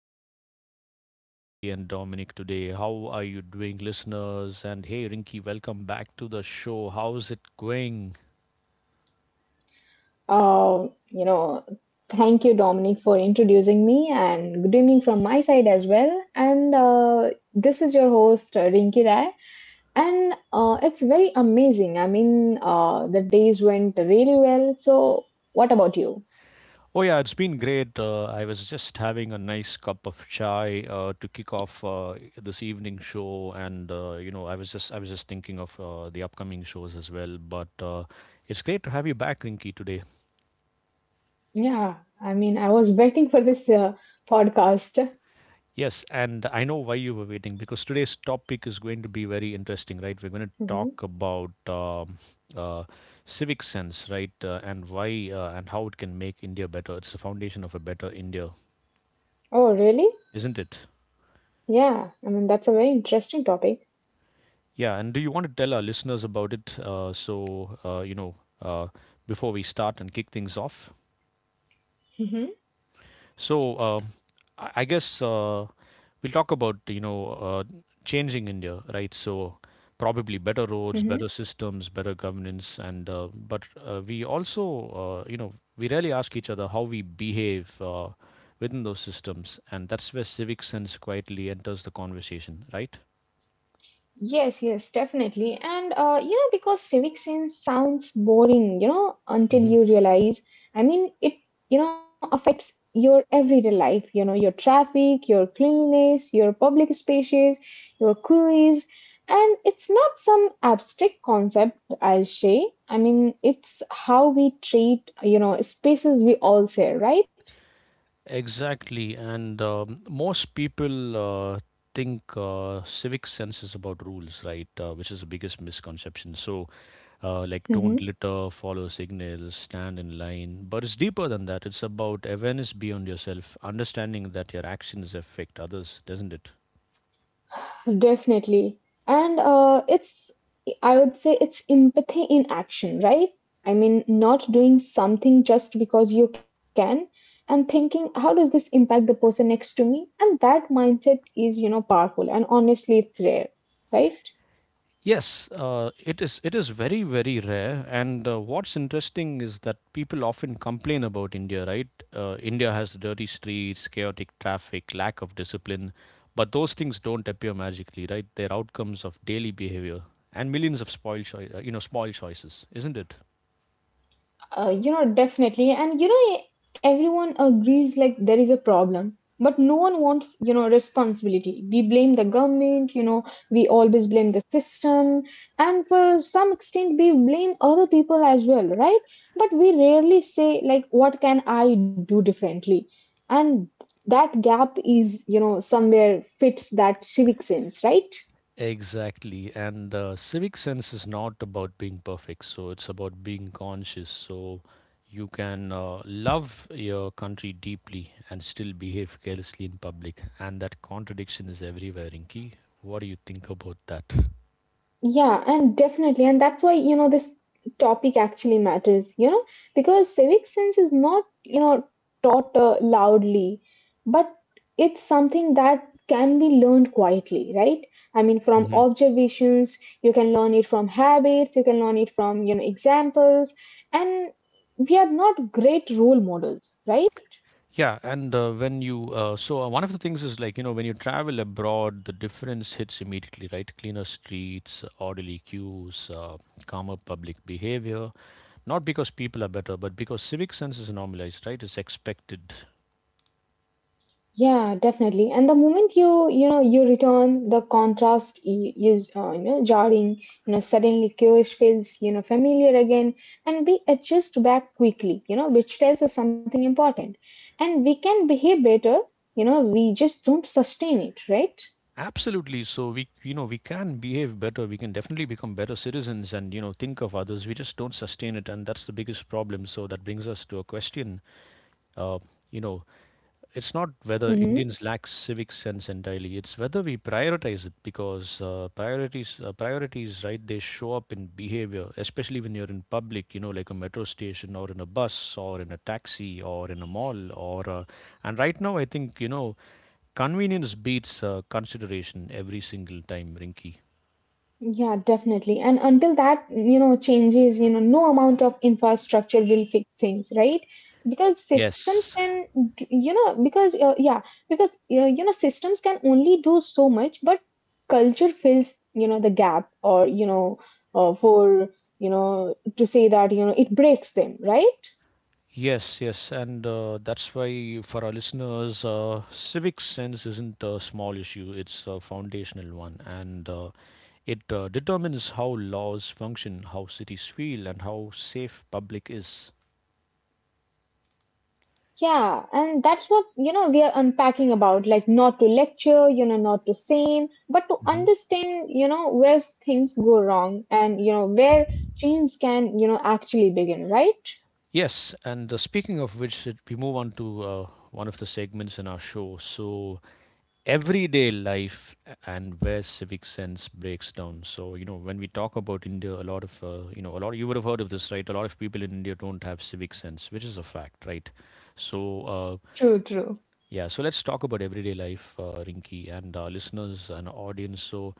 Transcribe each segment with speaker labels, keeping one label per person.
Speaker 1: show with me, Rinky and Dominic today. How are you doing, listeners? And hey, Rinky, welcome back to the show. How's it going?
Speaker 2: Uh, you know, Thank you, Dominic, for introducing me, and good evening from my side as well. And this is your host, Rinki Rai, and it's very amazing. I mean, the days went really well. So, what about you?
Speaker 1: Oh, yeah, it's been great. I was just having a nice cup of chai to kick off this evening show, and I was just thinking of the upcoming shows as well. But it's great to have you back, Rinky, today.
Speaker 2: Yeah, I mean, I was waiting for this podcast.
Speaker 1: Yes, and I know why you were waiting because today's topic is going to be very interesting, right? We're going to
Speaker 2: Mhm.
Speaker 1: talk about uh, civic sense, right? And why and how it can make India better. It's the foundation of a better India,
Speaker 2: Oh, really?
Speaker 1: isn't it?
Speaker 2: Yeah, I mean, that's a very interesting topic.
Speaker 1: Yeah, and do you want to tell our listeners about it? So, before we start and kick things off?
Speaker 2: Hmm.
Speaker 1: So I guess we'll talk about changing India, right? So probably better roads, better systems, better governance, and but we also you know we rarely ask each other how we behave within those systems, and that's where civic sense quietly enters the conversation, right?
Speaker 2: Yes, yes, definitely. And you know, because civic sense sounds boring, you know, until you realize, I mean, you know, affects your everyday life, you know, your traffic, your cleanliness, your public spaces, your queries. And it's not some abstract concept, I'll say. I mean, it's how we treat, you know, spaces we all share, right?
Speaker 1: Exactly, and most people uh, think civic sense is about rules, right? Which is the biggest misconception. So, like, don't
Speaker 2: Mm-hmm.
Speaker 1: litter, follow signals, stand in line. But it's deeper than that. It's about awareness beyond yourself, understanding that your actions affect others, doesn't it?
Speaker 2: Definitely. And I would say it's empathy in action, right? I mean, not doing something just because you can and thinking, how does this impact the person next to me? And that mindset is, you know, powerful. And honestly, it's rare, right?
Speaker 1: Yes, it is. It is very, very rare. And what's interesting is that people often complain about India, right? India has dirty streets, chaotic traffic, lack of discipline, but those things don't appear magically, right? They're outcomes of daily behavior and millions of spoil, choi- you know, small choices, isn't it?
Speaker 2: You know, definitely. And you know, everyone agrees like there is a problem, but no one wants, you know, responsibility. We blame the government, you know, we always blame the system, and for some extent, we blame other people as well, right? But we rarely say, like, what can I do differently? And that gap is, you know, somewhere fits that civic sense, right?
Speaker 1: Exactly. And civic sense is not about being perfect. So it's about being conscious. So you can love your country deeply and still behave carelessly in public. And that contradiction is everywhere, Inki. What do you think about that?
Speaker 2: Yeah, and definitely. And that's why, you know, this topic actually matters, you know, because civic sense is not, you know, taught loudly, but it's something that can be learned quietly, right? I mean, from
Speaker 1: Hmm.
Speaker 2: observations, you can learn it from habits, you can learn it from, you know, examples, and we are not great role models, right?
Speaker 1: Yeah, and when you so one of the things is, when you travel abroad, the difference hits immediately, right? Cleaner streets, orderly queues, calmer public behavior, not because people are better, but because civic sense is normalized, right? It's expected.
Speaker 2: Yeah, definitely. And the moment you know you return, the contrast is you know jarring. You know suddenly Kyoish feels you know familiar again, and we adjust back quickly. You know which tells us something important, and we can behave better. You know we just don't sustain it, right?
Speaker 1: Absolutely. So we can behave better. We can definitely become better citizens and, think of others. We just don't sustain it, and that's the biggest problem. So that brings us to a question. Uh, you know, it's not whether
Speaker 2: Mhm.
Speaker 1: Indians lack civic sense entirely. It's whether we prioritize it, because priorities, right? They show up in behavior, especially when you're in public, like a metro station or in a bus or in a taxi or in a mall or. And right now, I think, convenience beats consideration every single time, Rinky.
Speaker 2: Yeah, definitely. And until that, you know, changes, you know, no amount of infrastructure will fix things, right? Because systems
Speaker 1: Yes.
Speaker 2: can, d- you know, because, yeah, because, you know, systems can only do so much, but culture fills, you know, the gap or, you know, uh, for, you know, to say that, you know, it breaks them, right?
Speaker 1: Yes, yes, and that's why, for our listeners, civic sense isn't a small issue; it's a foundational one, and it determines how laws function, how cities feel, and how safe public is.
Speaker 2: Yeah, and that's what, you know, we are unpacking about, like not to lecture, you know, not to shame, but to
Speaker 1: Hmm.
Speaker 2: understand, you know, where things go wrong and, you know, where change can, you know, actually begin, right?
Speaker 1: Yes, and speaking of which, we move on to one of the segments in our show. So, everyday life and where civic sense breaks down. So, when we talk about India, a lot, you would have heard of this, right? A lot of people in India don't have civic sense, which is a fact, right? So,
Speaker 2: True, true.
Speaker 1: yeah, so let's talk about everyday life, Rinki, and our listeners and audience. So,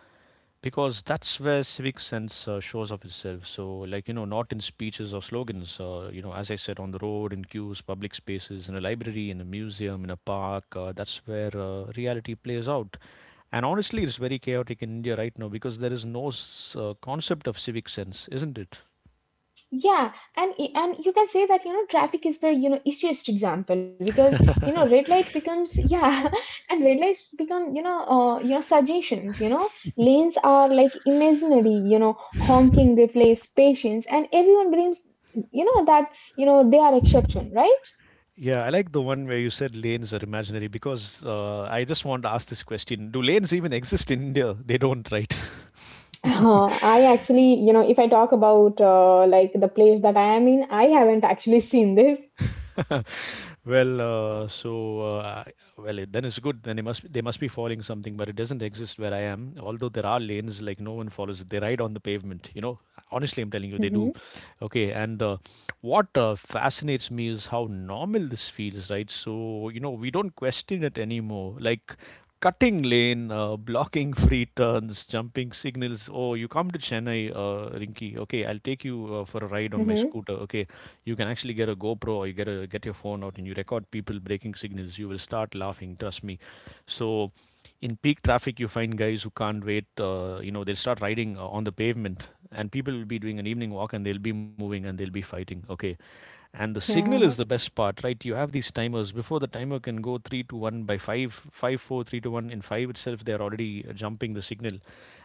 Speaker 1: because that's where civic sense shows up itself, so, like, not in speeches or slogans, as I said, on the road, in queues, public spaces, in a library, in a museum, in a park, that's where reality plays out, and honestly it's very chaotic in India right now because there is no concept of civic sense, isn't it?
Speaker 2: Yeah, and and you can say that you know traffic is the you know easiest example because you know red light becomes yeah, and red lights become you know suggestions. You know lanes are like imaginary. You know honking replace patience, and everyone brings you know that you know they are exception, right?
Speaker 1: Yeah, I like the one where you said lanes are imaginary, because I just want to ask this question. Do lanes even exist in India? They don't, right?
Speaker 2: I actually you know if I talk about like the place that I am in, I haven't actually seen this.
Speaker 1: Well, uh, so uh, well, then it's good. Then they must be following something, but it doesn't exist where I am. Although there are lanes, like no one follows it. They ride on the pavement. Honestly, I'm telling you, they
Speaker 2: Mm-hmm.
Speaker 1: do. Okay, and what fascinates me is how normal this feels, right? So, we don't question it anymore. Like cutting lane, blocking free turns, jumping signals. Oh, you come to Chennai, Rinky. Okay, I'll take you for a ride on my
Speaker 2: Mm-hmm.
Speaker 1: scooter. Okay, you can actually get a GoPro, or you get your phone out and you record people breaking signals. You will start laughing. Trust me. So, in peak traffic, you find guys who can't wait. They'll start riding on the pavement, and people will be doing an evening walk and they'll be moving and they'll be fighting. Okay, and the signal is the
Speaker 2: Yeah.
Speaker 1: best part, right? You have these timers. Before the timer can go 3 to 1, by 5 to 1 in 5 itself, they're already jumping the signal.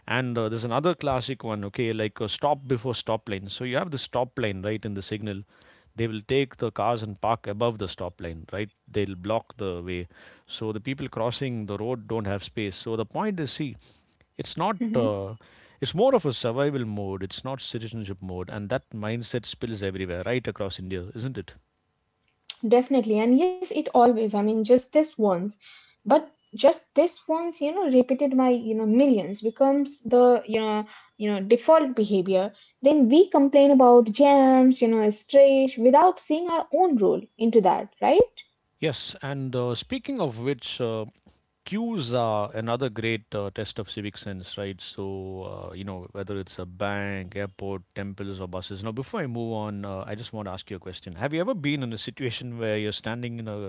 Speaker 1: And there's another classic one, okay, like, stop before stop line. So you have the stop line right in the signal, they will take the cars and park above the stop line, right? They'll block the way, so the people crossing the road don't have space. So the point is, see, it's not.
Speaker 2: Mm-hmm.
Speaker 1: It's more of a survival mode. It's not citizenship mode, and that mindset spills everywhere, right across India, isn't it?
Speaker 2: Definitely. And yes, it always, I mean, just this once, but just this once, you know, repeated by, you know, millions becomes the, you know, default behavior. Then we complain about jams, you know, stretch without seeing our own role into that, right?
Speaker 1: Yes. And speaking of which, queues are another great test of civic sense, right? So whether it's a bank, airport, temples, or buses. Now, before I move on, I just want to ask you a question. Have you ever been in a situation where you're standing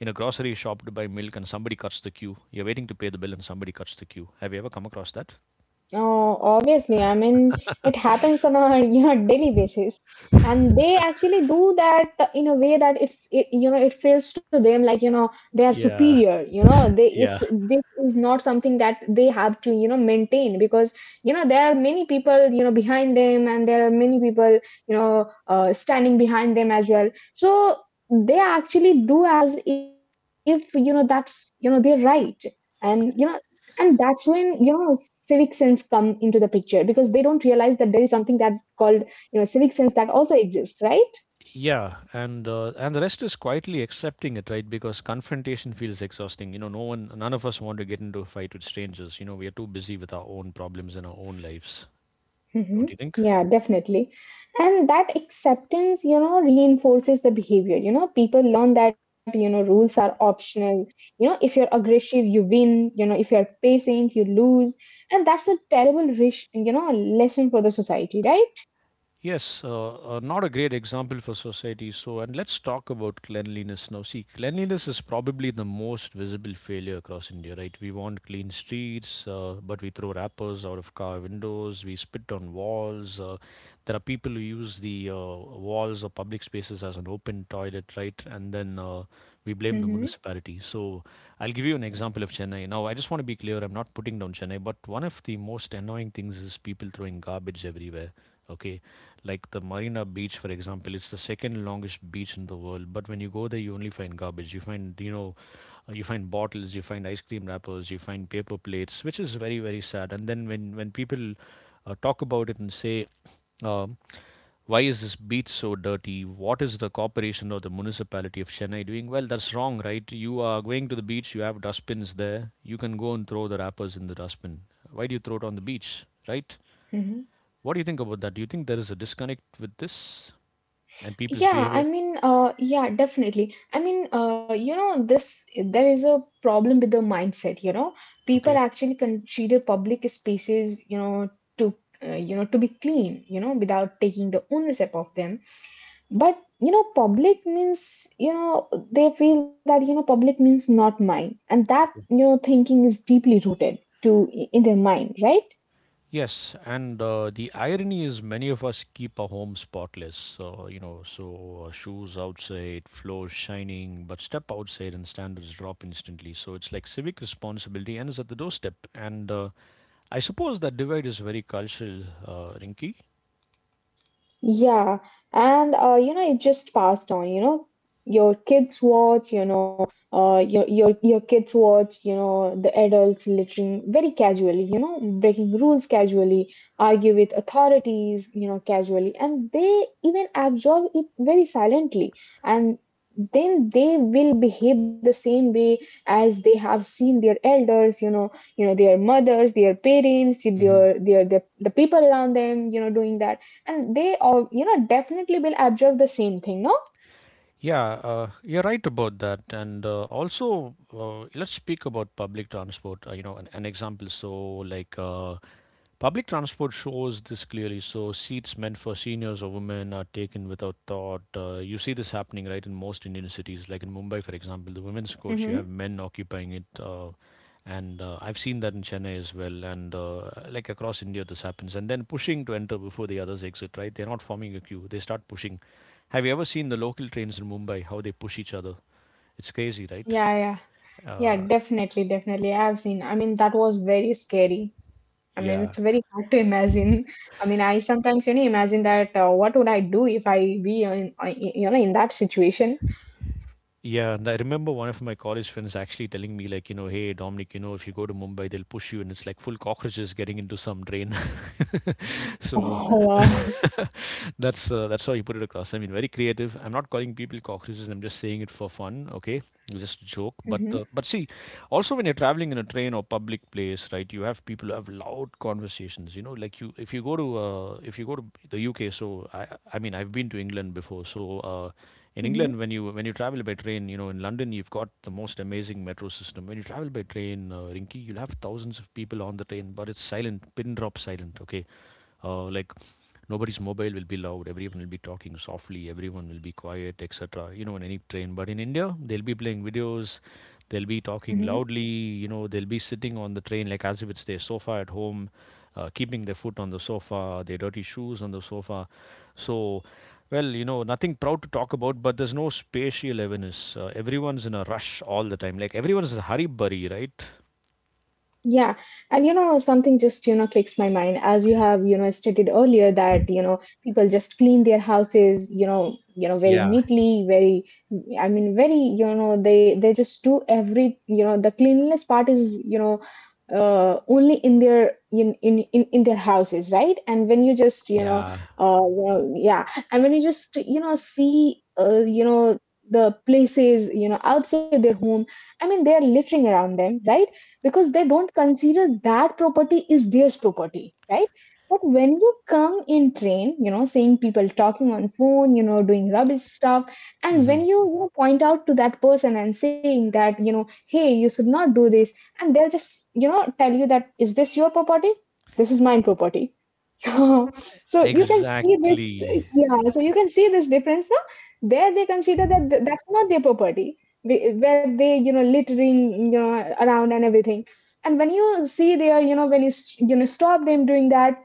Speaker 1: in a grocery shop to buy milk and somebody cuts the queue? You're waiting to pay the bill and somebody cuts the queue. Have you ever come across that?
Speaker 2: Oh, obviously. I mean, it happens on a you know daily basis, and they actually do that in a way that you know it feels to them like you know they are
Speaker 1: Yeah,
Speaker 2: superior. You know, they
Speaker 1: yeah.
Speaker 2: it's this is not something that they have to you know maintain because you know there are many people you know behind them and there are many people standing behind them as well. So they actually do as if you know that's you know they're right, and you know and that's when you know civic sense come into the picture because they don't realize that there is something that called you know civic sense that also exists right.
Speaker 1: Yeah, and and the rest is quietly accepting it, right? Because confrontation feels exhausting. No one, none of us want to get into a fight with strangers. We are too busy with our own problems and our own lives,
Speaker 2: Hmm.
Speaker 1: don't you think?
Speaker 2: Yeah, definitely. And that acceptance, you know, reinforces the behavior. You know, people learn that, you know, rules are optional. You know, if you're aggressive, you win. You know, if you're patient, you lose. And that's a terrible, rich, you know, lesson for the society, right?
Speaker 1: Yes, not a great example for society. So, and let's talk about cleanliness now. See, cleanliness is probably the most visible failure across India, right? We want clean streets, but we throw wrappers out of car windows, we spit on walls. There are people who use the walls or public spaces as an open toilet, right? And then we blame the
Speaker 2: Mm-hmm.
Speaker 1: municipality. So, I'll give you an example of Chennai. Now, I just want to be clear, I'm not putting down Chennai, but one of the most annoying things is people throwing garbage everywhere. Okay, like the Marina Beach, for example. It's the second longest beach in the world, but when you go there you only find garbage. You find bottles, you find ice cream wrappers, you find paper plates, which is very, very sad. And then, when people talk about it and say, um, why is this beach so dirty? What is the corporation or the municipality of Chennai doing? Well, that's wrong, right? You are going to the beach, you have dustbins there. You can go and throw the wrappers in the dustbin. Why do you throw it on the beach, right? What do you think about that? Do you think there is a disconnect with this and people's
Speaker 2: Yeah,
Speaker 1: behavior?
Speaker 2: I mean, uh, yeah, definitely. I mean, you know, this there is a problem with the mindset. You know, people
Speaker 1: Okay,
Speaker 2: actually consider public spaces, to you know to be clean, you know, without taking the ownership of them. But you know, public means you know they feel that you know public means not mine, and that you
Speaker 1: okay.
Speaker 2: know thinking is deeply rooted to in their mind, right?
Speaker 1: Yes, and the irony is many of us keep our homes spotless. So, shoes outside, floors shining, but step outside and standards drop instantly. So it's like civic responsibility ends at the doorstep. And I suppose that divide is very cultural, Rinky.
Speaker 2: Yeah, and you know, it just passed on. You know, your kids watch. You know your kids watch you know the adults littering very casually you know breaking rules casually argue with authorities you know casually and they even absorb it very silently and then they will behave the same way as they have seen their elders you know their mothers their parents their the people around them you know doing that and they all you know definitely will absorb the same thing no.
Speaker 1: Yeah, you're right about that. And also, let's speak about public transport. An, example. So, like, public transport shows this clearly. So seats meant for seniors or women are taken without thought. You see this happening, right, in most Indian cities, like in Mumbai, for example. The women's coach, you have
Speaker 2: Mm-hmm.
Speaker 1: men occupying it, and I've seen that in Chennai as well, and like, across India, this happens. And then pushing to enter before the others exit. Right? They're not forming a queue. They start pushing. Have you ever seen the local trains in Mumbai? How they push each other? It's crazy, right?
Speaker 2: Yeah, yeah. Yeah,
Speaker 1: Uh,
Speaker 2: definitely, definitely. I've seen. I mean, that was very scary. I mean,
Speaker 1: yeah.
Speaker 2: it's very hard to imagine. I mean, I sometimes, you know, imagine that what would I do if I be in, you know, in that situation?
Speaker 1: Yeah, and I remember one of my college friends actually telling me, like, you know, hey, Dominic, you know, if you go to Mumbai, they'll push you, and it's like full cockroaches getting into some drain. So
Speaker 2: Oh, wow.
Speaker 1: that's how you put it across. I mean, very creative. I'm not calling people cockroaches. I'm just saying it for fun. Okay, just a joke.
Speaker 2: Mm-hmm,
Speaker 1: But see, also when you're traveling in a train or public place, right? You have people who have loud conversations. You know, like you if you go to if you go to the UK. So I mean, I've been to England before. In
Speaker 2: mm-hmm,
Speaker 1: England, when you travel by train, you know, in London, you've got the most amazing metro system. When you travel by train, Rinky, you'll have thousands of people on the train, but it's silent, pin drop silent. Okay, like nobody's mobile will be loud. Everyone will be talking softly. Everyone will be quiet, etc. You know, in any train. But in India, they'll be playing videos. They'll be talking
Speaker 2: mm-hmm.
Speaker 1: loudly. You know, they'll be sitting on the train like as if it's their sofa at home, keeping their foot on the sofa, their dirty shoes on the sofa. So well, you know, nothing proud to talk about, but there's no spatial awareness. Everyone's in a rush all the time. Like everyone's a hurry burry, right?
Speaker 2: Yeah, and you know, something just, you know, clicks my mind as you have, you know, stated earlier that, you know, people just clean their houses, you know, very
Speaker 1: Yeah,
Speaker 2: neatly, very, I mean, very, you know, they just do every, you know, the cleanliness part is, you know, only in their houses, right? And when you just,
Speaker 1: yeah,
Speaker 2: you know, yeah, and when you just, you know, see, you know, the places, you know, outside their home, I mean, they are littering around them, right? Because they don't consider that property is theirs property right but when you come in train you know seeing people talking on phone you know doing rubbish stuff and when
Speaker 1: hmm
Speaker 2: you know, point out to that person and saying that you know hey you should not do this and they'll just you know tell you that is this your property this is my property. So you can see this,
Speaker 1: Exactly.
Speaker 2: yeah. So you can see this difference. No? There they consider that that's not their property, where they you know littering you know around and everything. And when you see there, you know when you know stop them doing that,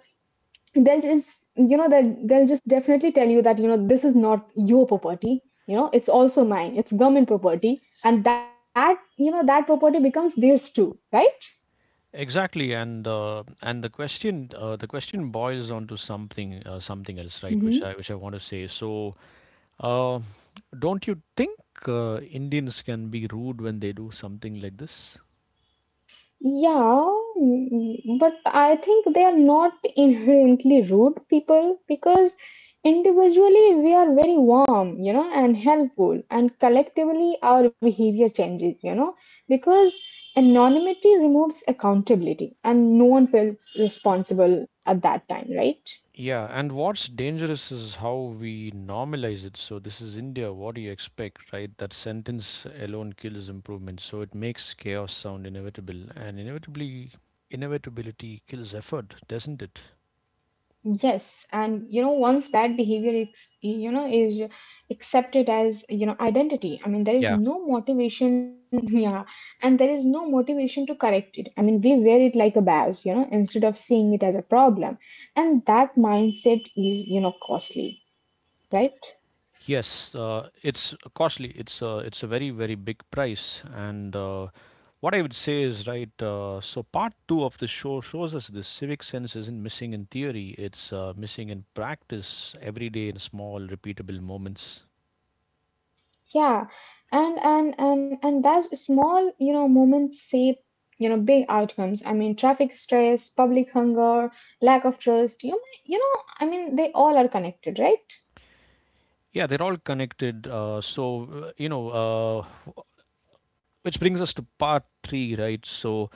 Speaker 2: they'll just you know they'll just definitely tell you that you know this is not your property. You know it's also mine. It's government property, and that you know that property becomes theirs too, right?
Speaker 1: Exactly, and the question boils onto something something else, right? Which I want to say. So, uh, don't you think Indians can be rude when they do something like this?
Speaker 2: Yeah, mm, but I think they are not inherently rude people because individually we are very warm, you know, and helpful, and collectively our behavior changes, you know, because anonymity removes accountability and no one feels responsible at that time, right?
Speaker 1: Yeah, and what's dangerous is how we normalize it. So, this is India. What do you expect, right? That sentence alone kills improvement. So, it makes chaos sound inevitable. And inevitably, inevitability kills effort, doesn't it?
Speaker 2: Yes, and you know, once bad behavior ex you know is accepted as you know identity. I mean, there is
Speaker 1: Yeah.
Speaker 2: no motivation, yeah, and there is no motivation to correct it. I mean, we wear it like a badge, you know, instead of seeing it as a problem, and that mindset is you know costly, right?
Speaker 1: Yes, it's costly. It's a very, very big price. And What I would say is, right, so part two of the show shows us this civic sense isn't missing in theory, it's missing in practice every day in small, repeatable moments.
Speaker 2: Yeah, and that's small you know moments shape you know big outcomes. I mean, traffic stress, public hunger, lack of trust. You know, I mean, they all are connected, right?
Speaker 1: Yeah, they're all connected. Wh- which brings us to part three, right? So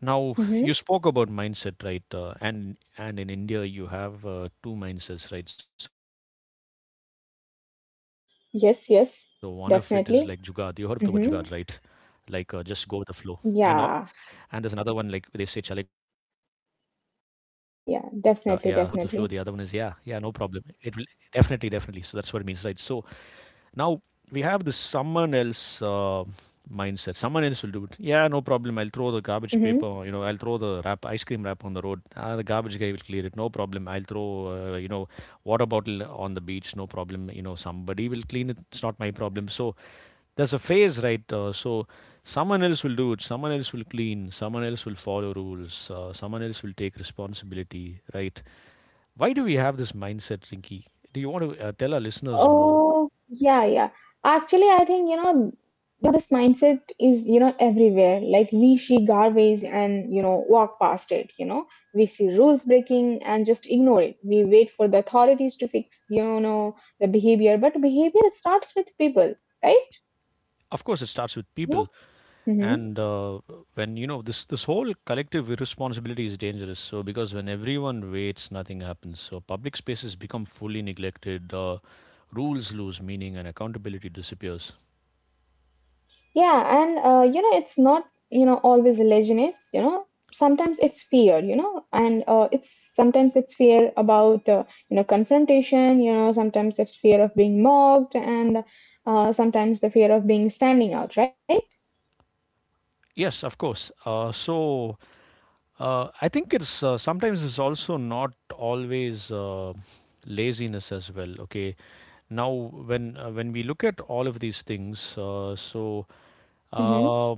Speaker 1: now
Speaker 2: Mm-hmm.
Speaker 1: you spoke about mindset, right? And in India, you have two mindsets, right? So one of it is like jugad. You heard of the word jugad, right?
Speaker 2: Yes,
Speaker 1: Like
Speaker 2: yes,
Speaker 1: just go with the
Speaker 2: definitely.
Speaker 1: flow. And o-
Speaker 2: Mm-hmm.
Speaker 1: and there's another one like they say chalega,
Speaker 2: Yeah,
Speaker 1: yeah, chalega, yeah. So for our listeners, let's translate that. Jugad is
Speaker 2: yeah,
Speaker 1: like
Speaker 2: yeah,
Speaker 1: go with the flow. The
Speaker 2: definitely,
Speaker 1: other one is yeah,
Speaker 2: definitely.
Speaker 1: yeah, no problem. It will definitely, definitely. So that's what it means, right? So. Now we have this someone else mindset. Someone else will do it. Yeah, no problem. I'll throw the
Speaker 2: Mm-hmm.
Speaker 1: garbage paper. You know, I'll throw the wrap, ice cream wrap on the road. Ah, the garbage guy will clear it. No problem. I'll throw, you know, water bottle on the beach. No problem. You know, somebody will clean it. It's not my problem. So there's a phrase, right? Someone else will do it. Someone else will clean. Someone else will follow rules. Someone else will take responsibility, right? Why do we have this mindset, Rinky? Do you want to tell our listeners more?
Speaker 2: Oh, yeah, yeah. Actually, I think, you know, this mindset is, you know, everywhere. Like we see garbage and, you know, walk past it, you know. We see rules breaking and just ignore it. We wait for the authorities to fix, you know, the behavior, but behavior starts with people, right?
Speaker 1: Of course, it starts with
Speaker 2: Yeah.
Speaker 1: people,
Speaker 2: Mm-hmm.
Speaker 1: and when you know this, whole collective irresponsibility is dangerous. So because when everyone waits, nothing happens. So public spaces become fully neglected. Rules lose meaning, and accountability disappears.
Speaker 2: Yeah, and you know, it's not, you know, always laziness, you know. Sometimes it's fear, you know, and it's sometimes it's fear about, you know, confrontation, you know, sometimes it's fear of being mocked, and sometimes the fear of being standing out, right?
Speaker 1: Yes, of course. I think it's sometimes it's also not always laziness as well. Okay, now when we look at all of these things,
Speaker 2: Mm-hmm.
Speaker 1: uh,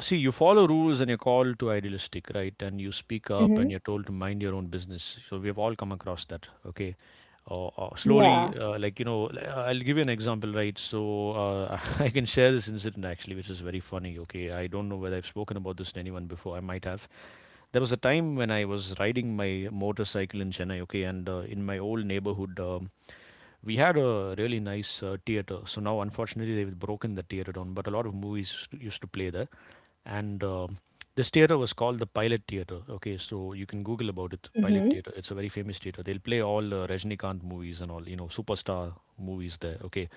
Speaker 1: see, you follow rules and you're called to idealistic, right? And you speak up and you're
Speaker 2: Mm-hmm.
Speaker 1: told to mind your own business. So we have all come across that. Okay, or slowly
Speaker 2: Yeah.
Speaker 1: like you know I'll give you an example, right? So I can share this incident actually, which is very funny. Okay, I don't know whether I've spoken about this to anyone before. I might have. There was a time when I was riding my motorcycle in Chennai, okay, and in my old neighborhood, we had a really nice theater. So now, unfortunately, they've broken the theater down, but a lot of movies used to play there. And This theater was called the Pilot Theater. Okay, so you can Google about it. Pilot
Speaker 2: Mm-hmm.
Speaker 1: Theater. It's a very famous theater. They'll play all Rajnikant movies and all, you know, superstar movies there. Okay.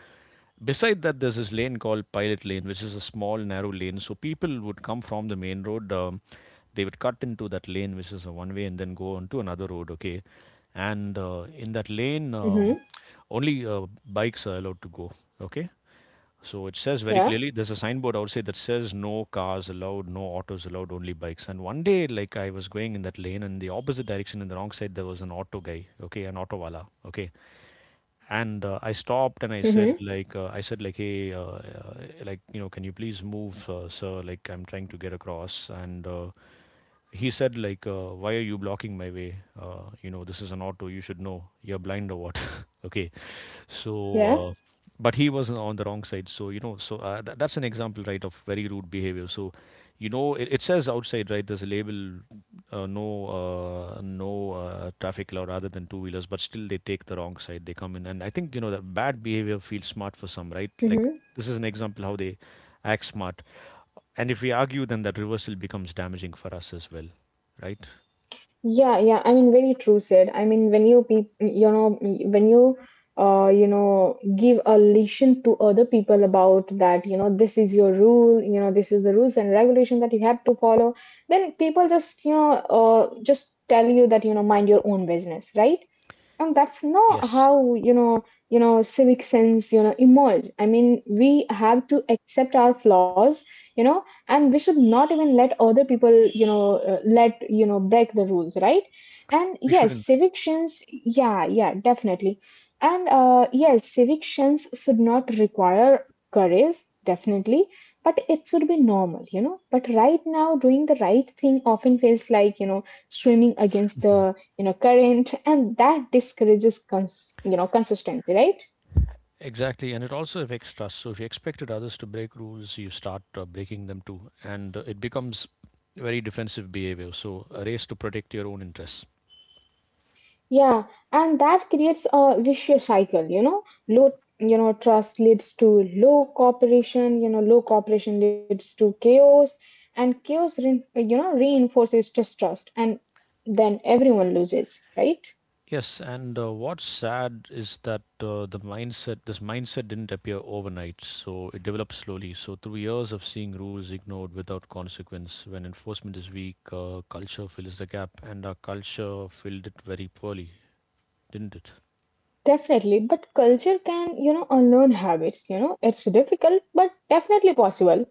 Speaker 1: Beside that, there's this lane called Pilot Lane, which is a small, narrow lane. So people would come from the main road, they would cut into that lane, which is a one way, and then go on to another road, okay? And In that lane,
Speaker 2: Mm-hmm.
Speaker 1: only bikes are allowed to go, okay? So it says very
Speaker 2: Yeah.
Speaker 1: clearly, there's a signboard outside that says no cars allowed, no autos allowed, only bikes. And one day, like I was going in that lane, and the opposite direction in the wrong side, there was an auto guy, okay, an auto wala, okay, and I stopped and i said
Speaker 2: Mm-hmm.
Speaker 1: like uh, i said like, hey, like, you know, can you please move, sir, like I'm trying to get across, and he said, like, why are you blocking my way, you know, this is an auto, you should know, you're blind or what? Okay, so
Speaker 2: Yeah.
Speaker 1: uh, but he was on the wrong side, so, you know, so that's an example, right, of very rude behavior. So you know it says outside, right, there's a label, no no traffic allowed other than two wheelers, but still they take the wrong side, they come in, and I think, you know, that bad behavior feels smart for some, right? Like
Speaker 2: Mm-hmm.
Speaker 1: this is an example how they act smart, and if we argue, then that reversal becomes damaging for us as well, right?
Speaker 2: Yeah, yeah. I mean, very true said. I mean, when you give a lesson to other people about that, this is your rule, this is the rules and regulation that you have to follow, then people just tell you that, mind your own business, right? And that's not
Speaker 1: Yes.
Speaker 2: how, civic sense emerge. I mean, we have to accept our flaws. you know and we should not even let other people, you know let you know break the rules, right? And
Speaker 1: We
Speaker 2: yes,
Speaker 1: shouldn't.
Speaker 2: civic shins, yeah, yeah, definitely. And yes, civic shins should not require courage, definitely. But it should be normal, but right now doing the right thing often feels like, swimming against the, current, and that discourages, consistency, right?
Speaker 1: Exactly, and it also affects trust. So if you expected others to break rules, you start breaking them too, and it becomes very defensive behavior. So a race to protect your own interests.
Speaker 2: Yeah, and that creates a vicious cycle. Low trust leads to low cooperation, low cooperation leads to chaos, and chaos reinforces distrust, and then everyone loses, right?
Speaker 1: Yes, and what's sad is that this mindset didn't appear overnight. So it developed slowly. So through years of seeing rules ignored without consequence, when enforcement is weak, culture fills the gap, and our culture filled it very poorly, didn't it?
Speaker 2: Definitely, but culture can unlearn habits. It's difficult, but definitely possible.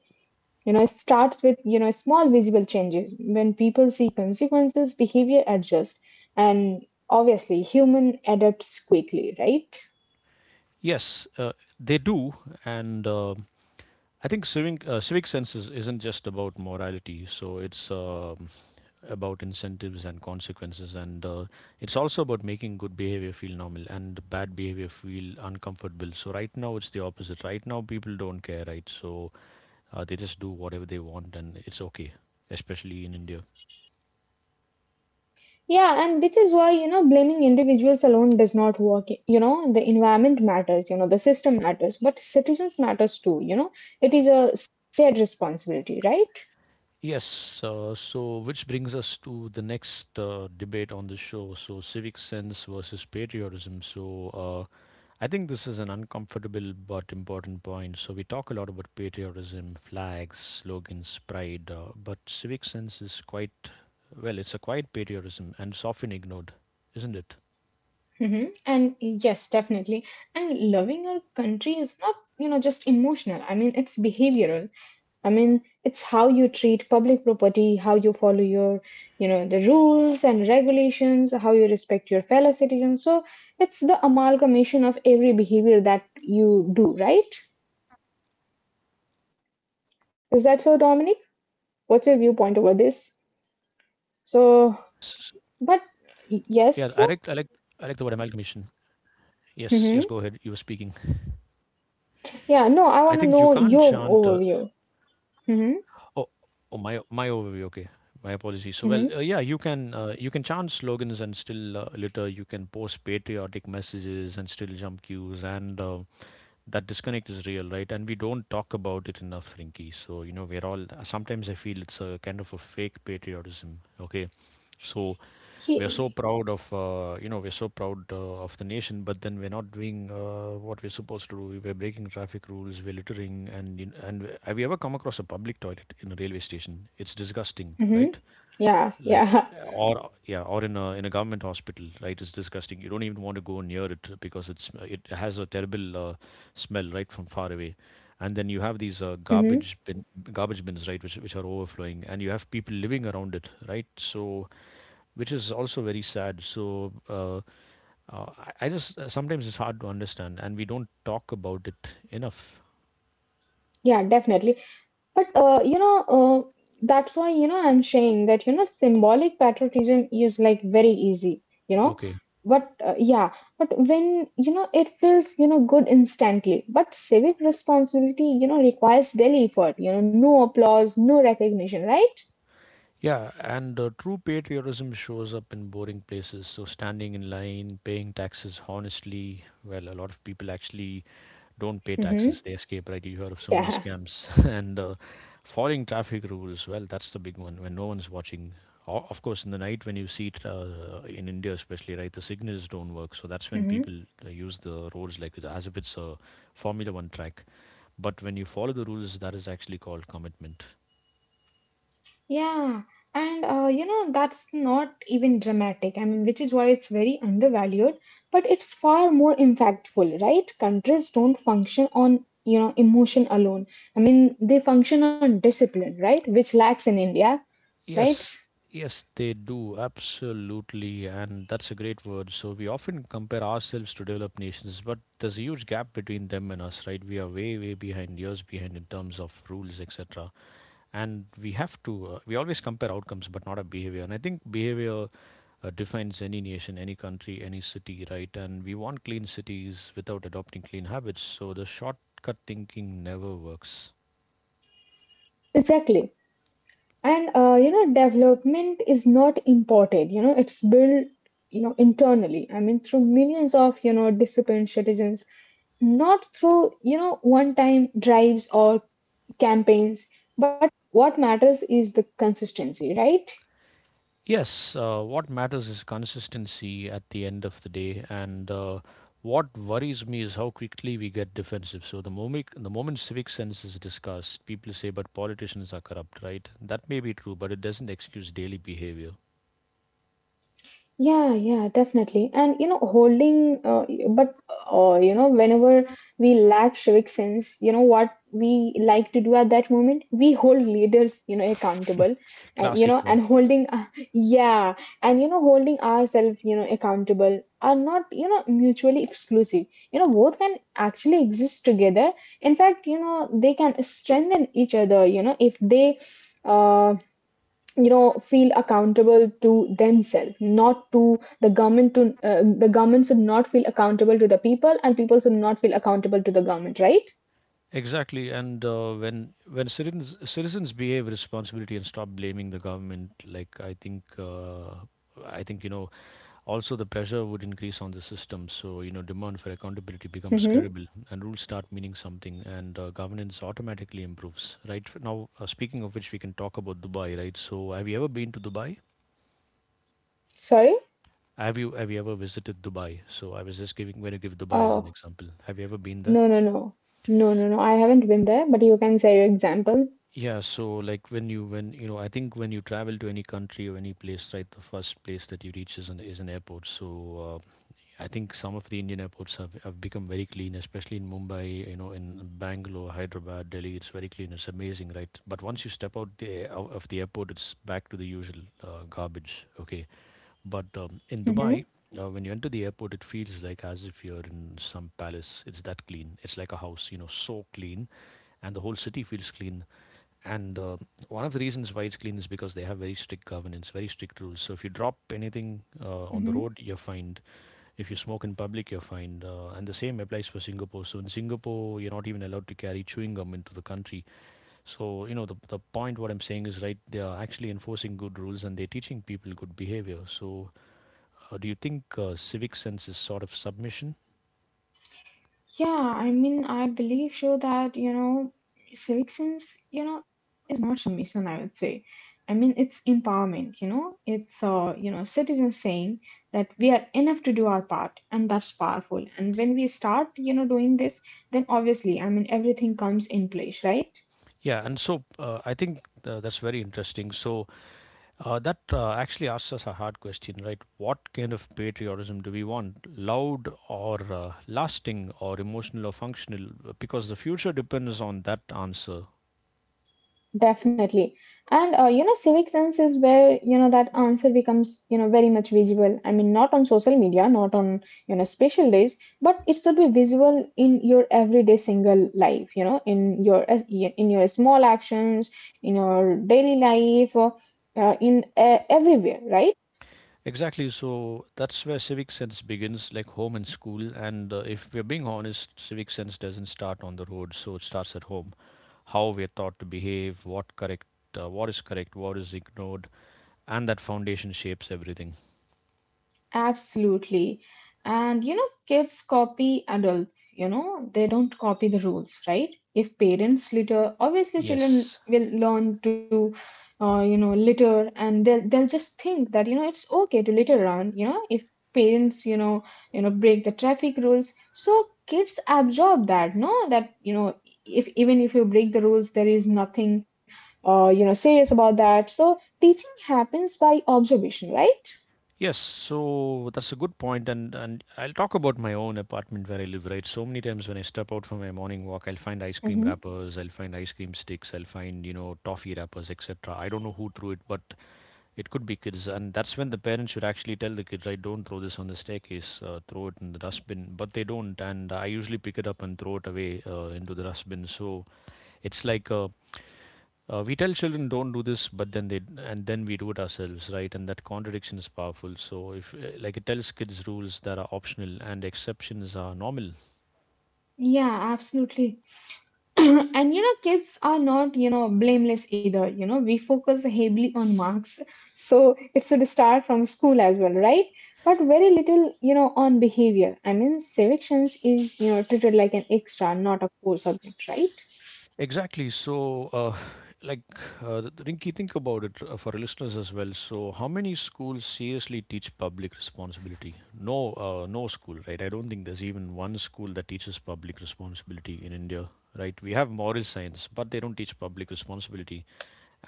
Speaker 2: It starts with, small visible changes. When people see consequences, behavior adjusts, and obviously, human adapts quickly, right?
Speaker 1: Yes, they do, and I think civic sense isn't just about morality. So it's about incentives and consequences, and it's also about making good behavior feel normal and bad behavior feel uncomfortable. So right now it's the opposite. Right now people don't care, right? So they just do whatever they want, and it's okay, especially in India.
Speaker 2: Yeah, and which is why, blaming individuals alone does not work. The environment matters, the system matters, but citizens matters too. It is a shared responsibility, right?
Speaker 1: Yes, so which brings us to the next debate on the show. So, civic sense versus patriotism. So, I think this is an uncomfortable but important point. So, we talk a lot about patriotism, flags, slogans, pride, but civic sense is quite, well, it's a quiet patriotism and it's often ignored, isn't it?
Speaker 2: Mm-hmm. And yes, definitely. And loving our country is not, just emotional. I mean, it's behavioral. I mean, it's how you treat public property, how you follow the rules and regulations, how you respect your fellow citizens. So it's the amalgamation of every behavior that you do, right? Is that so, Dominic?
Speaker 1: It is,
Speaker 2: What's your
Speaker 1: and
Speaker 2: viewpoint over
Speaker 1: uh,
Speaker 2: this?
Speaker 1: it is.
Speaker 2: So, but
Speaker 1: Yeah, I like, I like,
Speaker 2: yes.
Speaker 1: I like the word amalgamation. Yes, yes, go
Speaker 2: Mm-hmm.
Speaker 1: ahead. You were speaking.
Speaker 2: Yeah, no, I
Speaker 1: I
Speaker 2: want to
Speaker 1: think you
Speaker 2: know
Speaker 1: can't
Speaker 2: your
Speaker 1: chant.
Speaker 2: overview. Mm-hmm.
Speaker 1: Oh, my overview. Okay, my apologies. So well, yeah, you can chant slogans and still litter. You can post patriotic messages and still jump queues, and that disconnect is real, right? And we don't talk about it enough, Rinky. So you know, we're all. Sometimes I feel it's a kind of a fake patriotism. Okay, so
Speaker 2: Mm-hmm.
Speaker 1: we're so proud of the nation, but then we're not doing what we're supposed to do. We're breaking traffic rules, we're littering, and you know, and have you ever come across a public toilet in a railway station? It's disgusting,
Speaker 2: Mm-hmm.
Speaker 1: right?
Speaker 2: Yeah,
Speaker 1: Like
Speaker 2: yeah.
Speaker 1: or yeah, or in a government hospital, right? It's disgusting, you don't even want to go near it because it has a terrible smell right from far away, and then you have these
Speaker 2: Mm-hmm.
Speaker 1: garbage bins, right, which are overflowing, and you have people living around it, right? So which is also very sad. So I just sometimes it's hard to understand, and we don't talk about it enough.
Speaker 2: Yeah, definitely. But that's why, I'm saying that, symbolic patriotism is like very easy.
Speaker 1: Okay.
Speaker 2: But yeah, but when, it feels, good instantly. But civic responsibility, requires daily effort, no applause, no recognition, right?
Speaker 1: Yeah, and true patriotism shows up in boring places. So, standing in line, paying taxes honestly. Well, a lot of people actually don't pay taxes,
Speaker 2: Mm-hmm.
Speaker 1: they escape, right? You hear of so many
Speaker 2: Yeah.
Speaker 1: scams. And following traffic rules, well, that's the big one when no one's watching. Of course, in the night when you see it in India, especially, right, the signals don't work. So, that's when
Speaker 2: Mm-hmm.
Speaker 1: people use the roads like as if it's a Formula One track. But when you follow the rules, that is actually called commitment.
Speaker 2: Yeah, and that's not even dramatic. I mean, which is why it's very undervalued, but it's far more impactful, right? Countries don't function on, emotion alone. I mean, they function on discipline, right? Which lacks in India, right?
Speaker 1: Yes, yes, they do, absolutely. And that's a great word. So we often compare ourselves to developed nations, but there's a huge gap between them and us, right? We are way, way behind, years behind in terms of rules, etc. And we have to, we always compare outcomes, but not our behavior. And I think behavior defines any nation, any country, any city, right? And we want clean cities without adopting clean habits. So the shortcut thinking never works.
Speaker 2: Exactly. And development is not imported, it's built, internally. I mean, through millions of, disciplined citizens, not through, one time drives or campaigns, but what matters is the consistency, right?
Speaker 1: Yes, what matters is consistency at the end of the day, and what worries me is how quickly we get defensive. So the moment civic sense is discussed, people say, "But politicians are corrupt, right?" That may be true, but it doesn't excuse daily behavior.
Speaker 2: Yeah, yeah, definitely. And you know, holding, but you know, whenever we lack civic sense, you know what we like to do at that moment? We hold leaders, accountable, and you
Speaker 1: Classic
Speaker 2: know,
Speaker 1: one.
Speaker 2: and holding, yeah, holding ourselves, accountable are not, mutually exclusive. Both can actually exist together. In fact, they can strengthen each other. If they, uh, feel accountable to themselves, not to the government to the government should not feel accountable to the people, and people should not feel accountable to the government, right?
Speaker 1: Exactly, and when citizens behave responsibility and stop blaming the government, like I think, I think, you know, also the pressure would increase on the system. So, you know, demand for accountability becomes
Speaker 2: Mm-hmm.
Speaker 1: credible, and rules start meaning something, and governance automatically improves. Right now, speaking of which, we can talk about Dubai, right? So, have you ever been to Dubai?
Speaker 2: Sorry.
Speaker 1: Have you ever visited Dubai? So I was just giving going to give Dubai as an
Speaker 2: Oh,
Speaker 1: example. Have you ever been there?
Speaker 2: no, no, no, no, no, no, I haven't been there, but you can say your example.
Speaker 1: Yeah, so like when you know, I think when you travel to any country or any place, right, the first place that you reach is an airport. So I think some of the Indian airports have become very clean, especially in Mumbai, you know, in Bangalore, Hyderabad, Delhi. It's very clean. It's amazing, right? But once you step out of the airport, it's back to the usual garbage. Okay, but in
Speaker 2: Mm-hmm.
Speaker 1: Dubai, when you enter the airport, it feels like as if you're in some palace. It's that clean. It's like a house, you know, so clean, and the whole city feels clean and one of the reasons why it's clean is because they have very strict governance, very strict rules. So if you drop anything on the
Speaker 2: Mm-hmm.
Speaker 1: road, you're fined. If you smoke in public, you're fined. And the same applies for Singapore. So in Singapore, you're not even allowed to carry chewing gum into the country. So, you know, the point what I'm saying is right, they are actually enforcing good rules and they're teaching people good behavior. So, do you think civic sense is sort of submission?
Speaker 2: Yeah, I mean, I believe so that, civic sense, is not submission, I would say. I mean, it's empowerment, it's, citizens saying that we are enough to do our part, and that's powerful. And when we start, doing this, then obviously, I mean, everything comes in place, right?
Speaker 1: Yeah, and so I think that's very interesting. So, that actually asks us a hard question, right? What kind of patriotism do we want? Loud or lasting or emotional or functional? Because the future depends on that answer.
Speaker 2: Definitely. And civic sense is where, that answer becomes, very much visible. I mean, not on social media, not on, special days, but it should be visible in your everyday single life. In your in your small actions, in your daily life, in everywhere, right?
Speaker 1: Exactly, so that's where civic sense begins, like home and school. And if we're being honest, civic sense doesn't start on the road, so it starts at home. How we're taught to behave, what correct, what is correct, what is ignored, and that foundation shapes everything.
Speaker 2: Absolutely. And kids copy adults, they don't copy the rules, right? If parents litter, obviously children
Speaker 1: Yes.
Speaker 2: will learn to, litter, and they'll just think that, it's okay to litter around, if parents, break the traffic rules. So kids absorb that, no? That, if even if you break the rules, there is nothing, serious about that. So teaching happens by observation, right?
Speaker 1: Yes, so that's a good point, and I'll talk about my own apartment where I live. Right, so many times when I step out for my morning walk, I'll find ice cream wrappers, I'll find ice cream sticks, I'll find, you know, toffee wrappers, etc. I don't know who threw it, but it could be kids, and that's when the parents should actually tell the kids, right, don't throw this on the staircase, throw it in the dustbin. But they don't, and I usually pick it up and throw it away into the dustbin. So it's like a we tell children don't do this, but then they and then we do it ourselves, right? And that contradiction is powerful. So if like it tells kids rules that are optional and exceptions are normal.
Speaker 2: Yeah, absolutely. And kids are not, blameless either. We focus heavily on marks. So it's a start from school as well, right? But very little, on behavior. I mean, civic is, treated like an extra, not a core subject, right?
Speaker 1: Exactly. So, like, Rinki, think about it for listeners as well. So, how many schools seriously teach public responsibility? No, no school, right? I don't think there's even one school that teaches public responsibility in India, right? We have moral science, but they don't teach public responsibility.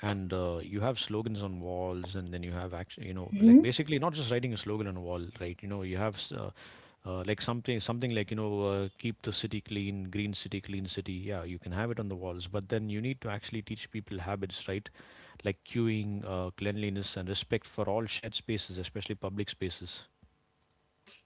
Speaker 1: And you have slogans on walls, and then you have actually, you know, like basically not just writing a slogan on a wall, right? You know, you have like something like, you know, keep the city clean, green city, clean city. Yeah, you can have it on the walls, but then you need to actually teach people habits, right? Like queuing, cleanliness and respect for all shared spaces, especially public spaces.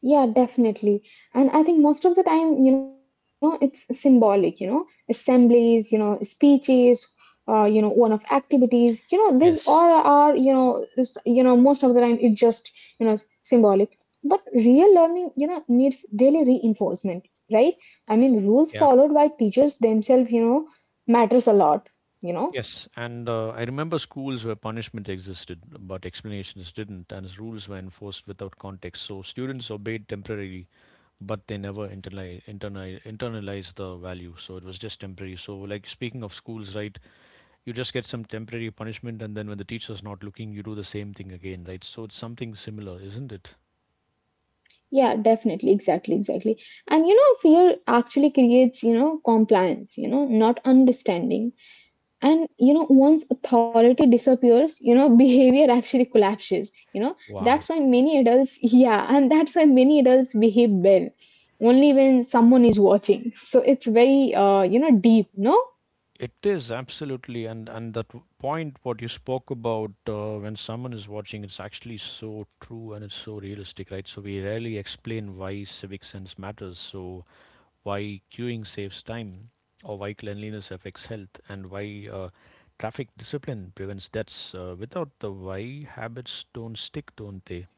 Speaker 2: Yeah, definitely. And I think most of the time, it's symbolic, assemblies, speeches, one-off activities, these all
Speaker 1: Yes.
Speaker 2: are, most of the time it just symbolic. But real learning, needs daily reinforcement, right? I mean, rules
Speaker 1: Yeah.
Speaker 2: followed by teachers themselves, matters a lot, you know.
Speaker 1: Yes, and I remember schools where punishment existed but explanations didn't, and rules were enforced without context, so students obeyed temporarily, but they never internalized the value, so it was just temporary. So like speaking of schools, right, you just get some temporary punishment, and then when the teacher's not looking, you do the same thing again, right? So it's something similar, isn't it?
Speaker 2: Yeah, definitely, exactly, exactly. And fear actually creates, compliance, not understanding, and once authority disappears, behavior actually collapses, that's why
Speaker 1: Wow.
Speaker 2: many adults yeah, and that's why many adults behave well only when someone is watching, so it's very, deep, no?
Speaker 1: It is, absolutely. And that point what you spoke about, when someone is watching, it's actually so true and it's so realistic, right? So we rarely explain why civic sense matters. So why queuing saves time or why cleanliness affects health and why traffic discipline prevents deaths, without the why, habits don't stick, don't they?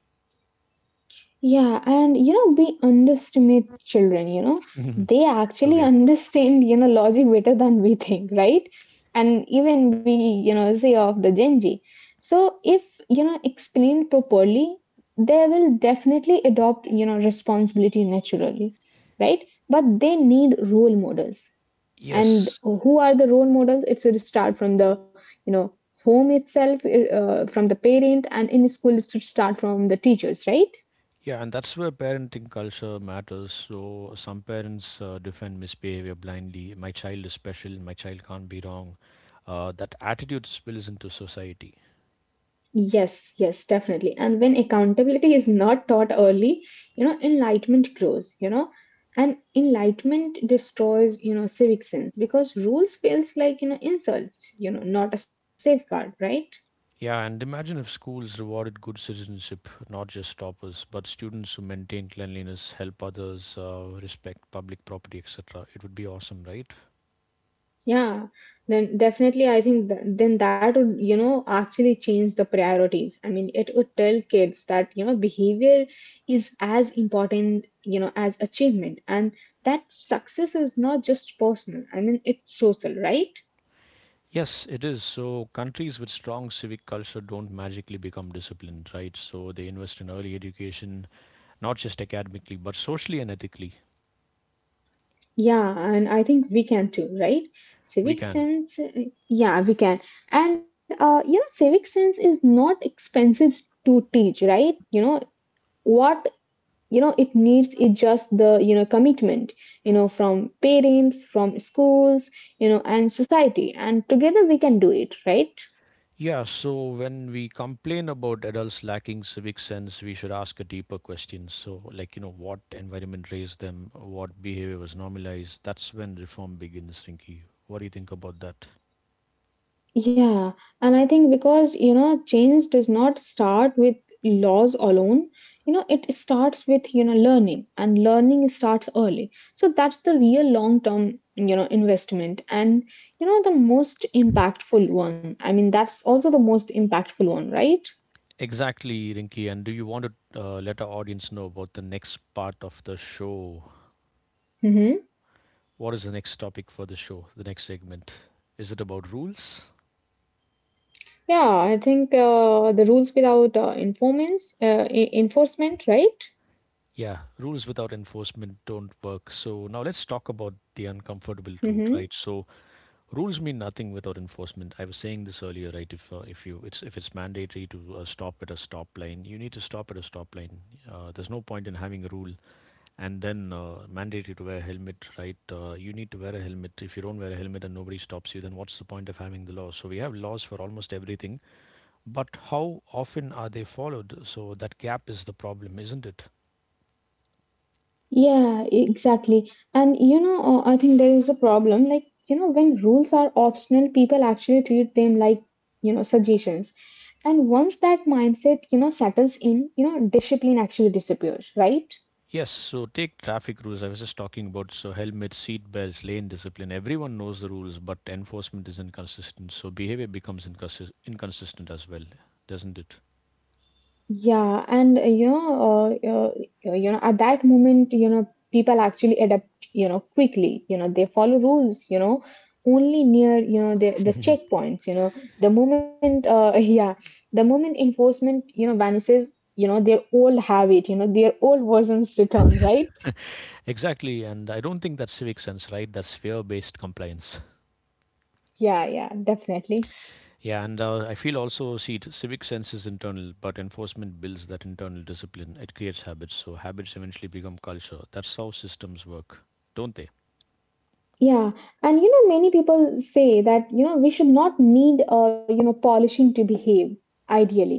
Speaker 2: Yeah, and we underestimate children, they actually
Speaker 1: Okay.
Speaker 2: understand, logic better than we think, right? And even we, say of the Gen Z. So if, explained properly, they will definitely adopt, responsibility naturally, right? But they need role models. And
Speaker 1: Yes,
Speaker 2: who are the role models? It should start from the, you know, home itself, from the parent, and in school, it should start from the teachers, right?
Speaker 1: yeah, and that's where parenting culture matters. So some parents defend misbehavior blindly. My child is special. My child can't be wrong. That attitude spills into society.
Speaker 2: Yes, yes, definitely. And when accountability is not taught early, enlightenment grows, and enlightenment destroys, civic sense, because rules feels like, insults, not a safeguard, right?
Speaker 1: Yeah, and imagine if schools rewarded good citizenship, not just toppers, but students who maintain cleanliness, help others, respect public property, etc. It would be awesome, right?
Speaker 2: Yeah. Then definitely, I think then that would, actually change the priorities. I mean, it would tell kids that, behavior is as important, as achievement, and that success is not just personal. I mean, it's social, right?
Speaker 1: Yes, it is. So countries with strong civic culture don't magically become disciplined, right? So they invest in early education, not just academically, but socially and ethically.
Speaker 2: Yeah, and I think we can too, right?
Speaker 1: We
Speaker 2: Civic
Speaker 1: can.
Speaker 2: sense, yeah, we can. And civic sense is not expensive to teach, right? What it needs is just the, commitment, from parents, from schools, and society, and together we can do it, right?
Speaker 1: Yeah, so when we complain about adults lacking civic sense, we should ask a deeper question. So, like, you know, what environment raised them, what behavior was normalized? That's when reform begins, Rinky. What do you think about that?
Speaker 2: Yeah, and I think because, change does not start with laws alone. It starts with, learning, and learning starts early. So that's the real long-term, investment, and, the most impactful one. I mean, that's also the most impactful one, right?
Speaker 1: Exactly, Rinky. And do you want to let our audience know about the next part of the show?
Speaker 2: Mm-hmm.
Speaker 1: What is the next topic for the show, the next segment? Is it about rules?
Speaker 2: Yeah, I think the rules without, informants, enforcement, right?
Speaker 1: Yeah, rules without enforcement don't work. So now let's talk about the uncomfortable truth,
Speaker 2: Mm-hmm.
Speaker 1: right? So rules mean nothing without enforcement. I was saying this earlier, right? If you it's if it's mandatory to stop at a stop line, you need to stop at a stop line. There's no point in having a rule and then mandatory to wear a helmet, right? You need to wear a helmet. If you don't wear a helmet and nobody stops you, then what's the point of having the law? So we have laws for almost everything, but how often are they followed? So that gap is the problem, isn't it?
Speaker 2: Yeah, exactly. And I think there is a problem. Like, when rules are optional, people actually treat them like, suggestions. And once that mindset, settles in, discipline actually disappears, right?
Speaker 1: Yes, so take traffic rules. I was just talking about, so helmets, seat belts, lane discipline. Everyone knows the rules, but enforcement is inconsistent. So behavior becomes inconsistent as well, doesn't it?
Speaker 2: Yeah, and you know, at that moment, people actually adapt, quickly. They follow rules. Only near, the checkpoints. Yeah. The moment enforcement, vanishes, their old habit, you know, their old versions return, right?
Speaker 1: Exactly, and I don't think that's civic sense, right? That's fear-based compliance.
Speaker 2: Yeah, yeah, definitely.
Speaker 1: Yeah, and I feel also see it, civic sense is internal, but enforcement builds that internal discipline. It creates habits, so habits eventually become culture. That's how systems work, don't
Speaker 2: Yeah, and many people say that, we should not need, polishing to behave, ideally.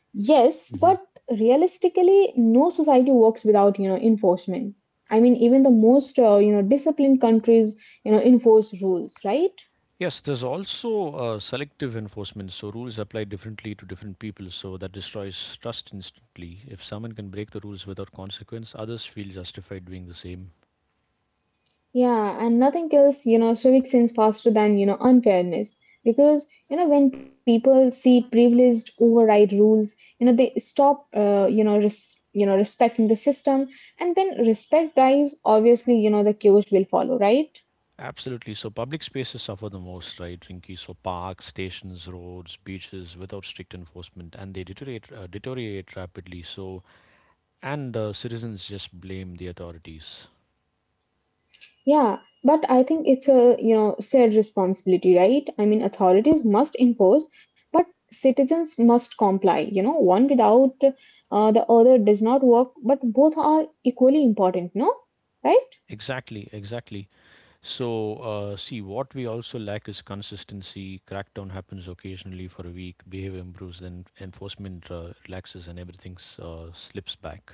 Speaker 2: Yes, but
Speaker 1: they?
Speaker 2: realistically, no society works without, enforcement. I mean, even the most, disciplined countries, enforce rules, right?
Speaker 1: Yes, there's also selective enforcement. So rules apply differently to different people. So that destroys trust instantly. If someone can break the rules without consequence, others feel justified doing the same.
Speaker 2: Yeah, and nothing kills, civic sense faster than, unfairness. Because, when people see privileged override rules, they stop, respecting the system. And when respect dies, obviously, the chaos will follow, right?
Speaker 1: Absolutely. So public spaces suffer the most, right, Rinky? So parks, stations, roads, beaches, without strict enforcement, and they deteriorate rapidly. So and citizens just blame the authorities.
Speaker 2: Yeah, but I think it's a, shared responsibility, right? I mean, authorities must enforce, but citizens must comply. One without, the other does not work, but both are equally important, no? Right?
Speaker 1: Exactly, exactly. So, see, what we also lack is consistency. Crackdown happens occasionally for a week, behavior improves, then enforcement relaxes, and everything slips back.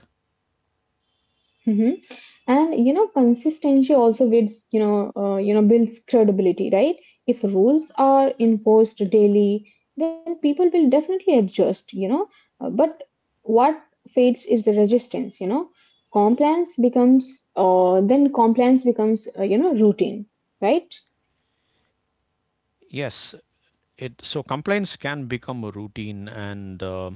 Speaker 2: Hmm. And consistency also builds credibility right? If rules are enforced daily, then people will definitely adjust. But what fades is the resistance. You know compliance becomes uh, then compliance becomes routine, right?
Speaker 1: Yes, it so compliance can become a routine, and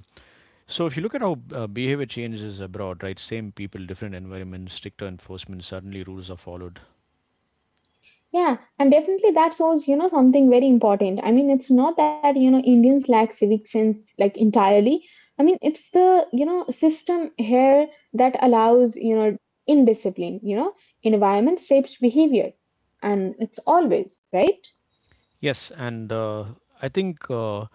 Speaker 1: so if you look at how behavior changes abroad, right? Same people, different environments, stricter enforcement. Suddenly, rules are followed.
Speaker 2: Yeah, and definitely that shows something very important. I mean, it's not that Indians lack civic sense like entirely. I mean, it's the system here that allows indiscipline. Environment shapes behavior. And it's always, right?
Speaker 1: Yes, and I think. Uh,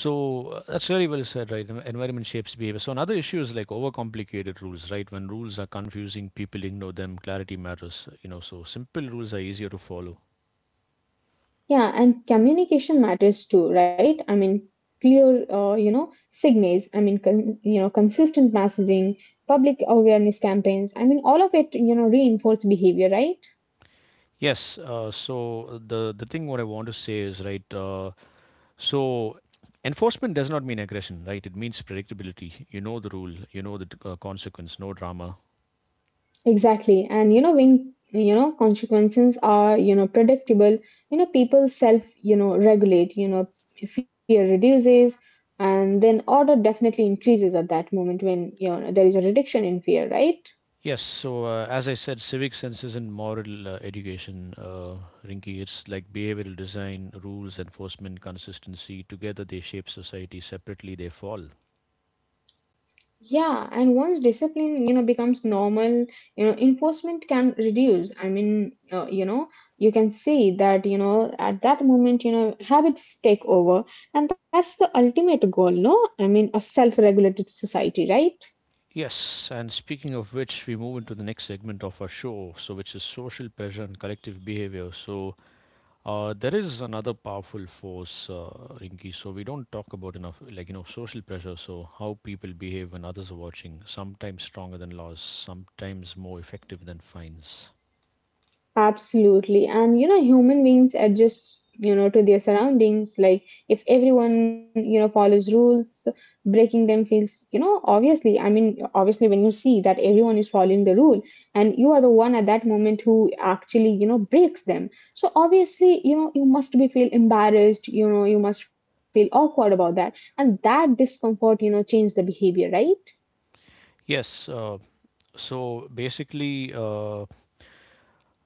Speaker 1: So uh, That's really well said, right? Environment shapes behavior. So another issue is like overcomplicated rules, right? When rules are confusing, people ignore them. Clarity matters, you know. So simple rules are easier to follow.
Speaker 2: Yeah, and communication matters too, right? I mean, clear signals, I mean, consistent messaging, public awareness campaigns, I mean, all of it reinforce behavior, right?
Speaker 1: The thing what I want to say is right. So Enforcement does not mean aggression, right? It means predictability. You know the rule. You know the consequence. No drama.
Speaker 2: Exactly. And when consequences are predictable people self regulate fear reduces, and then order definitely increases at that moment when there is a reduction in fear, right?
Speaker 1: Yes, so as I said, civic sense isn't moral education, Rinky. It's like behavioral design, rules, enforcement, consistency. Together they shape society, separately they fall.
Speaker 2: Yeah, and once discipline becomes normal enforcement can reduce. I mean, you can see that at that moment habits take over, and that's the ultimate goal, no? I mean, a self-regulated society, right?
Speaker 1: Yes, and speaking of which, we move into the next segment of our show, so which is social pressure and collective behavior. So there is another powerful force, Rinky. So we don't talk about enough, like you know, social pressure. So how people behave when others are watching, sometimes stronger than laws, sometimes more effective than fines.
Speaker 2: Absolutely. And human beings adjust to their surroundings. Like if everyone follows rules, breaking them feels obviously, I mean, obviously when you see that everyone is following the rule and you are the one at that moment who actually breaks them. So obviously you must be feel embarrassed you must feel awkward about that. And that discomfort change the behavior, right?
Speaker 1: Yes. Uh, basically,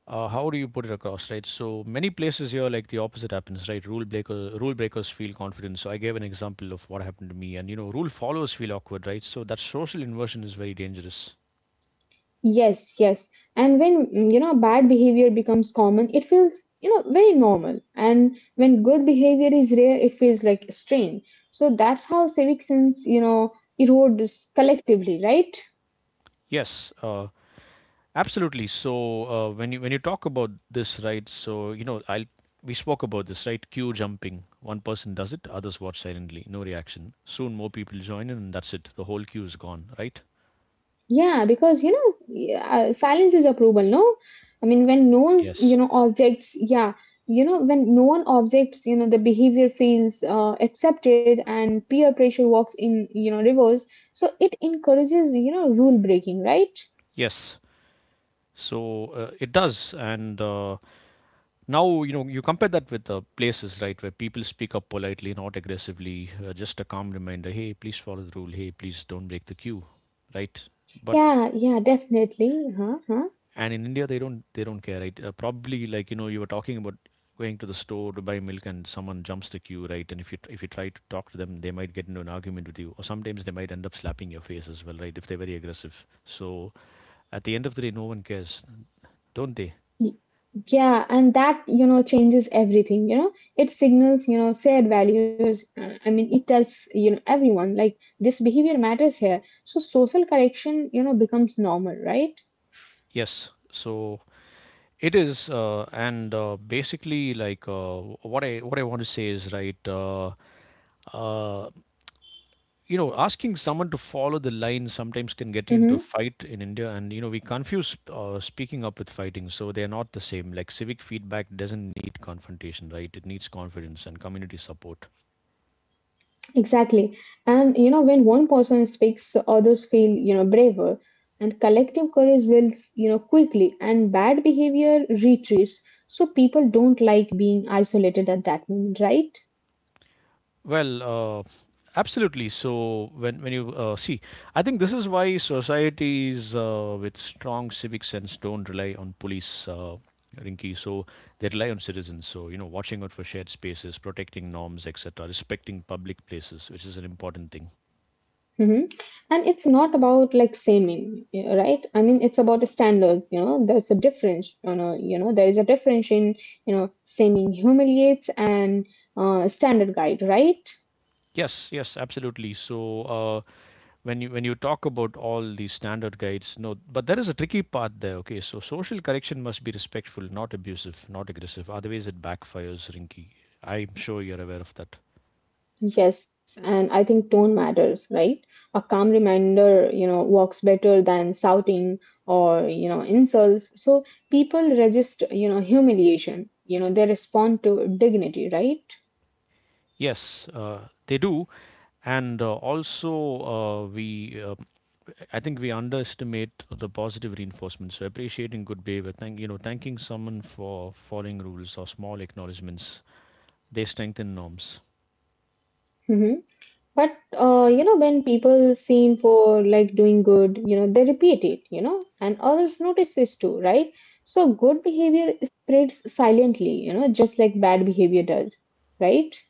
Speaker 1: how do you put it across, right? So many places here, like the opposite happens, right? Rule breakers feel confident. So I gave an example of what happened to me, and you know, rule followers feel awkward, right? So that social inversion is very dangerous.
Speaker 2: Yes, yes. And when bad behavior becomes common, it feels very normal. And when good behavior is rare, it feels like strain. So that's how civic sense erodes collectively, right?
Speaker 1: Yes, absolutely. So when you talk about this, right? So you know, I'll we spoke about this, right? Queue jumping. One person does it, others watch silently, no reaction. Soon more people join in, and that's it. The whole queue is gone, right?
Speaker 2: Yeah, because yeah, silence is approval, no? I mean, when no one's
Speaker 1: Yes.
Speaker 2: objects, yeah, when no one objects, the behavior feels accepted, and peer pressure works in reverse. So it encourages rule breaking, right?
Speaker 1: Yes. So it does, and now you know you compare that with places, right, where people speak up politely, not aggressively, just a calm reminder, hey, please follow the rule, hey, please don't break the queue, right? But
Speaker 2: Yeah, yeah, definitely. Huh, huh.
Speaker 1: and in India they don't care, right? Probably like you know you were talking about going to the store to buy milk and someone jumps the queue, right? And if you try to talk to them, they might get into an argument with you, or sometimes they might end up slapping your face as well, right? If they're very aggressive. So at the end of the day, no one cares, don't they?
Speaker 2: Y- Yeah, and that changes everything. It signals shared values. I mean, it tells everyone like this behavior matters here. So social correction becomes normal, right?
Speaker 1: Yes. So It is, and basically, like what I want to say is right. Uh, you know, asking someone to follow the line sometimes can get you into a
Speaker 2: Mm-hmm.
Speaker 1: fight in India, and you know we confuse speaking up with fighting, so they are not the same. Like civic feedback doesn't need confrontation, right? It needs confidence and community support.
Speaker 2: Exactly. And when one person speaks, others feel braver. And collective courage builds quickly, and bad behavior retreats. So people don't like being isolated at that moment, right?
Speaker 1: Well, uh, absolutely. So when you see, I think this is why societies with strong civic sense don't rely on police, Rinky. So they rely on citizens. So you know, watching out for shared spaces, protecting norms, etc., respecting public places, which is an important thing.
Speaker 2: Hmm. And it's not about like shaming, yeah, right? I mean, it's about the standards. There's a difference. There is a difference in you know shaming humiliates and standard guide, right?
Speaker 1: Yes, yes, absolutely. So when you talk about all these standard guides, no, but there is a tricky part there. Okay, so social correction must be respectful, not abusive, not aggressive. Otherwise, it backfires, Rinky. I'm sure you're aware of that.
Speaker 2: Yes, and I think tone matters, right? A calm reminder works better than shouting or insults. So people register humiliation. They respond to dignity, right?
Speaker 1: Yes, they do, and also uh, we, uh, I think we underestimate the positive reinforcement. So appreciating good behavior, thanking someone for following rules or small acknowledgements, they strengthen norms.
Speaker 2: Mm-hmm. But when people seen for like doing good they repeat it and others notice this too, right? So good behavior spreads silently just like bad behavior does, right?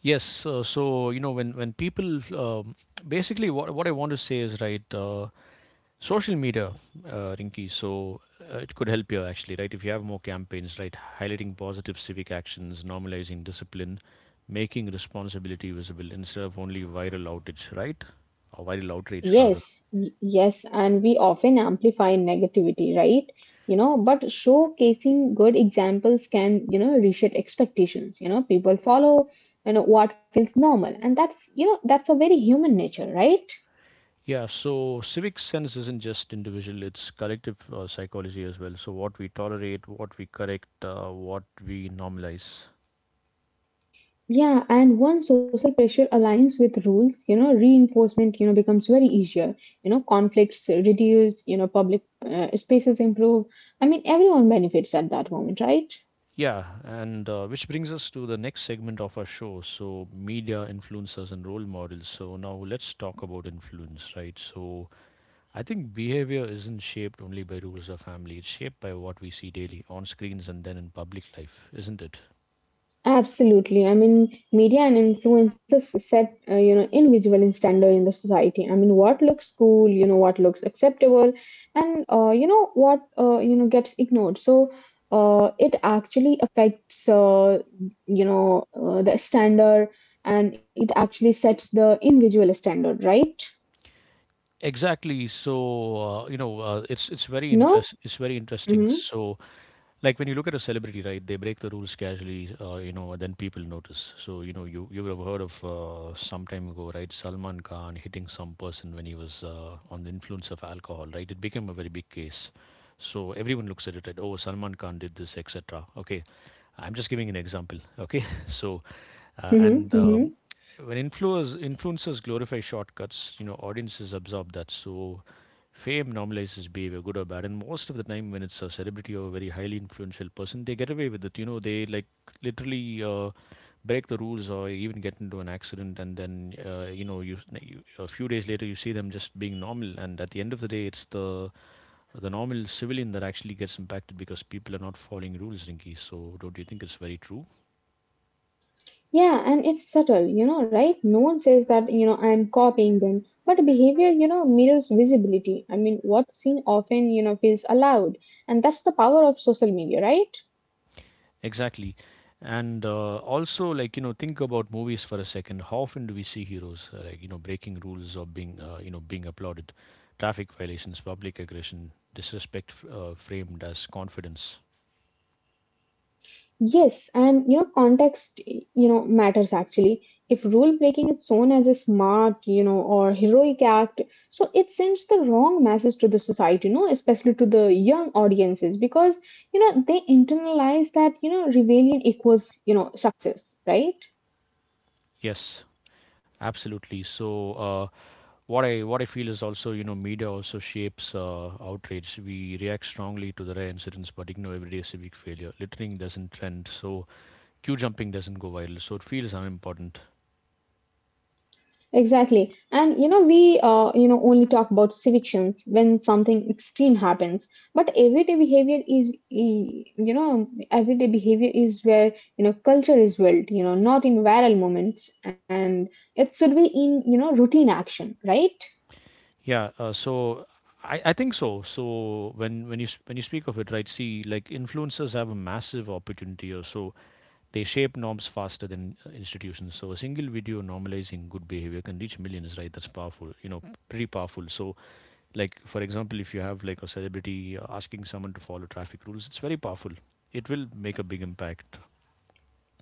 Speaker 1: Yes, so you know when people basically what I want to say is right. Social media, Rinky. So it could help you actually, right? If you have more campaigns, right, highlighting positive civic actions, normalizing discipline, making responsibility visible instead of only viral outage, right? Or viral outrage rather.
Speaker 2: Yes, yes, and we often amplify negativity, right? But showcasing good examples can reset expectations. People follow what feels normal, and that's a very human nature, right?
Speaker 1: Yeah, so civic sense isn't just individual, it's collective psychology as well. So, what we tolerate, what we correct, what we normalize.
Speaker 2: Yeah, and once social pressure aligns with rules reinforcement becomes very easier. Conflicts reduce public spaces improve. I mean, everyone benefits at that moment, right?
Speaker 1: Yeah, and which brings us to the next segment of our show. So, media, influencers, and role models. So, now let's talk about influence, right? So, I think behavior isn't shaped only by rules or family, it's shaped by what we see daily on screens and then in public life, isn't it?
Speaker 2: Absolutely. I mean, media and influencers set invisible and standard in the society. I mean, what looks cool what looks acceptable, and gets ignored. So, it actually affects the standard, and it actually sets the invisible standard, right?
Speaker 1: Exactly. So,
Speaker 2: No.
Speaker 1: it's very interest it's very
Speaker 2: Mm-hmm.
Speaker 1: interesting. So, like when you look at a celebrity, right, they break the rules casually, you know, and then people notice. So you know you would have heard of some time ago, right, Salman Khan hitting some person when he was on the influence of alcohol, right? It became a very big case. So everyone looks at it, right. Oh, Salman Khan did this, etc. Okay, I'm just giving an example. Okay, so and
Speaker 2: Mm-hmm. Mm-hmm.
Speaker 1: when influencers glorify shortcuts, you know, audiences absorb that. So fame normalizes behavior, good or bad. And most of the time, when it's a celebrity or a very highly influential person, they get away with it. You know, they like literally. Break the rules or even get into an accident, and then you know you a few days later you see them just being normal, and at the end of the day it's the normal civilian that actually gets impacted because people are not following rules, Rinki. So, don't you think it's very true?
Speaker 2: Yeah, and it's subtle right? No one says that I'm copying them, but behavior mirrors visibility. I mean, what's seen often feels allowed, and that's the power of social media, right?
Speaker 1: Exactly. And also, like, you know, think about movies for a second. How often do we see heroes, like, you know, breaking rules or being, you know, being applauded? Traffic violations, public aggression, disrespect framed as confidence.
Speaker 2: Yes, and context matters actually. If rule breaking is shown as a smart or heroic act, so it sends the wrong message to the society especially to the young audiences, because they internalize that rebellion equals success, right?
Speaker 1: Yes, absolutely. So, what I feel is also you know media also shapes outrage. We react strongly to the rare incidents, but ignore everyday civic failure. Littering doesn't trend, so queue jumping doesn't go viral. So it feels unimportant.
Speaker 2: Exactly. And we only talk about evictions when something extreme happens. But everyday behavior is where culture is built. Not in viral moments, and it should be in routine action, right?
Speaker 1: Yeah. I think so. So when when you speak of it, right? See, like influencers have a massive opportunity, or so they shape norms faster than institutions. So a single video normalizing good behavior can reach millions, right? That's powerful. You know, pretty powerful. So like for example if you have like a celebrity asking someone to follow traffic rules, it's very powerful. It will make a big impact.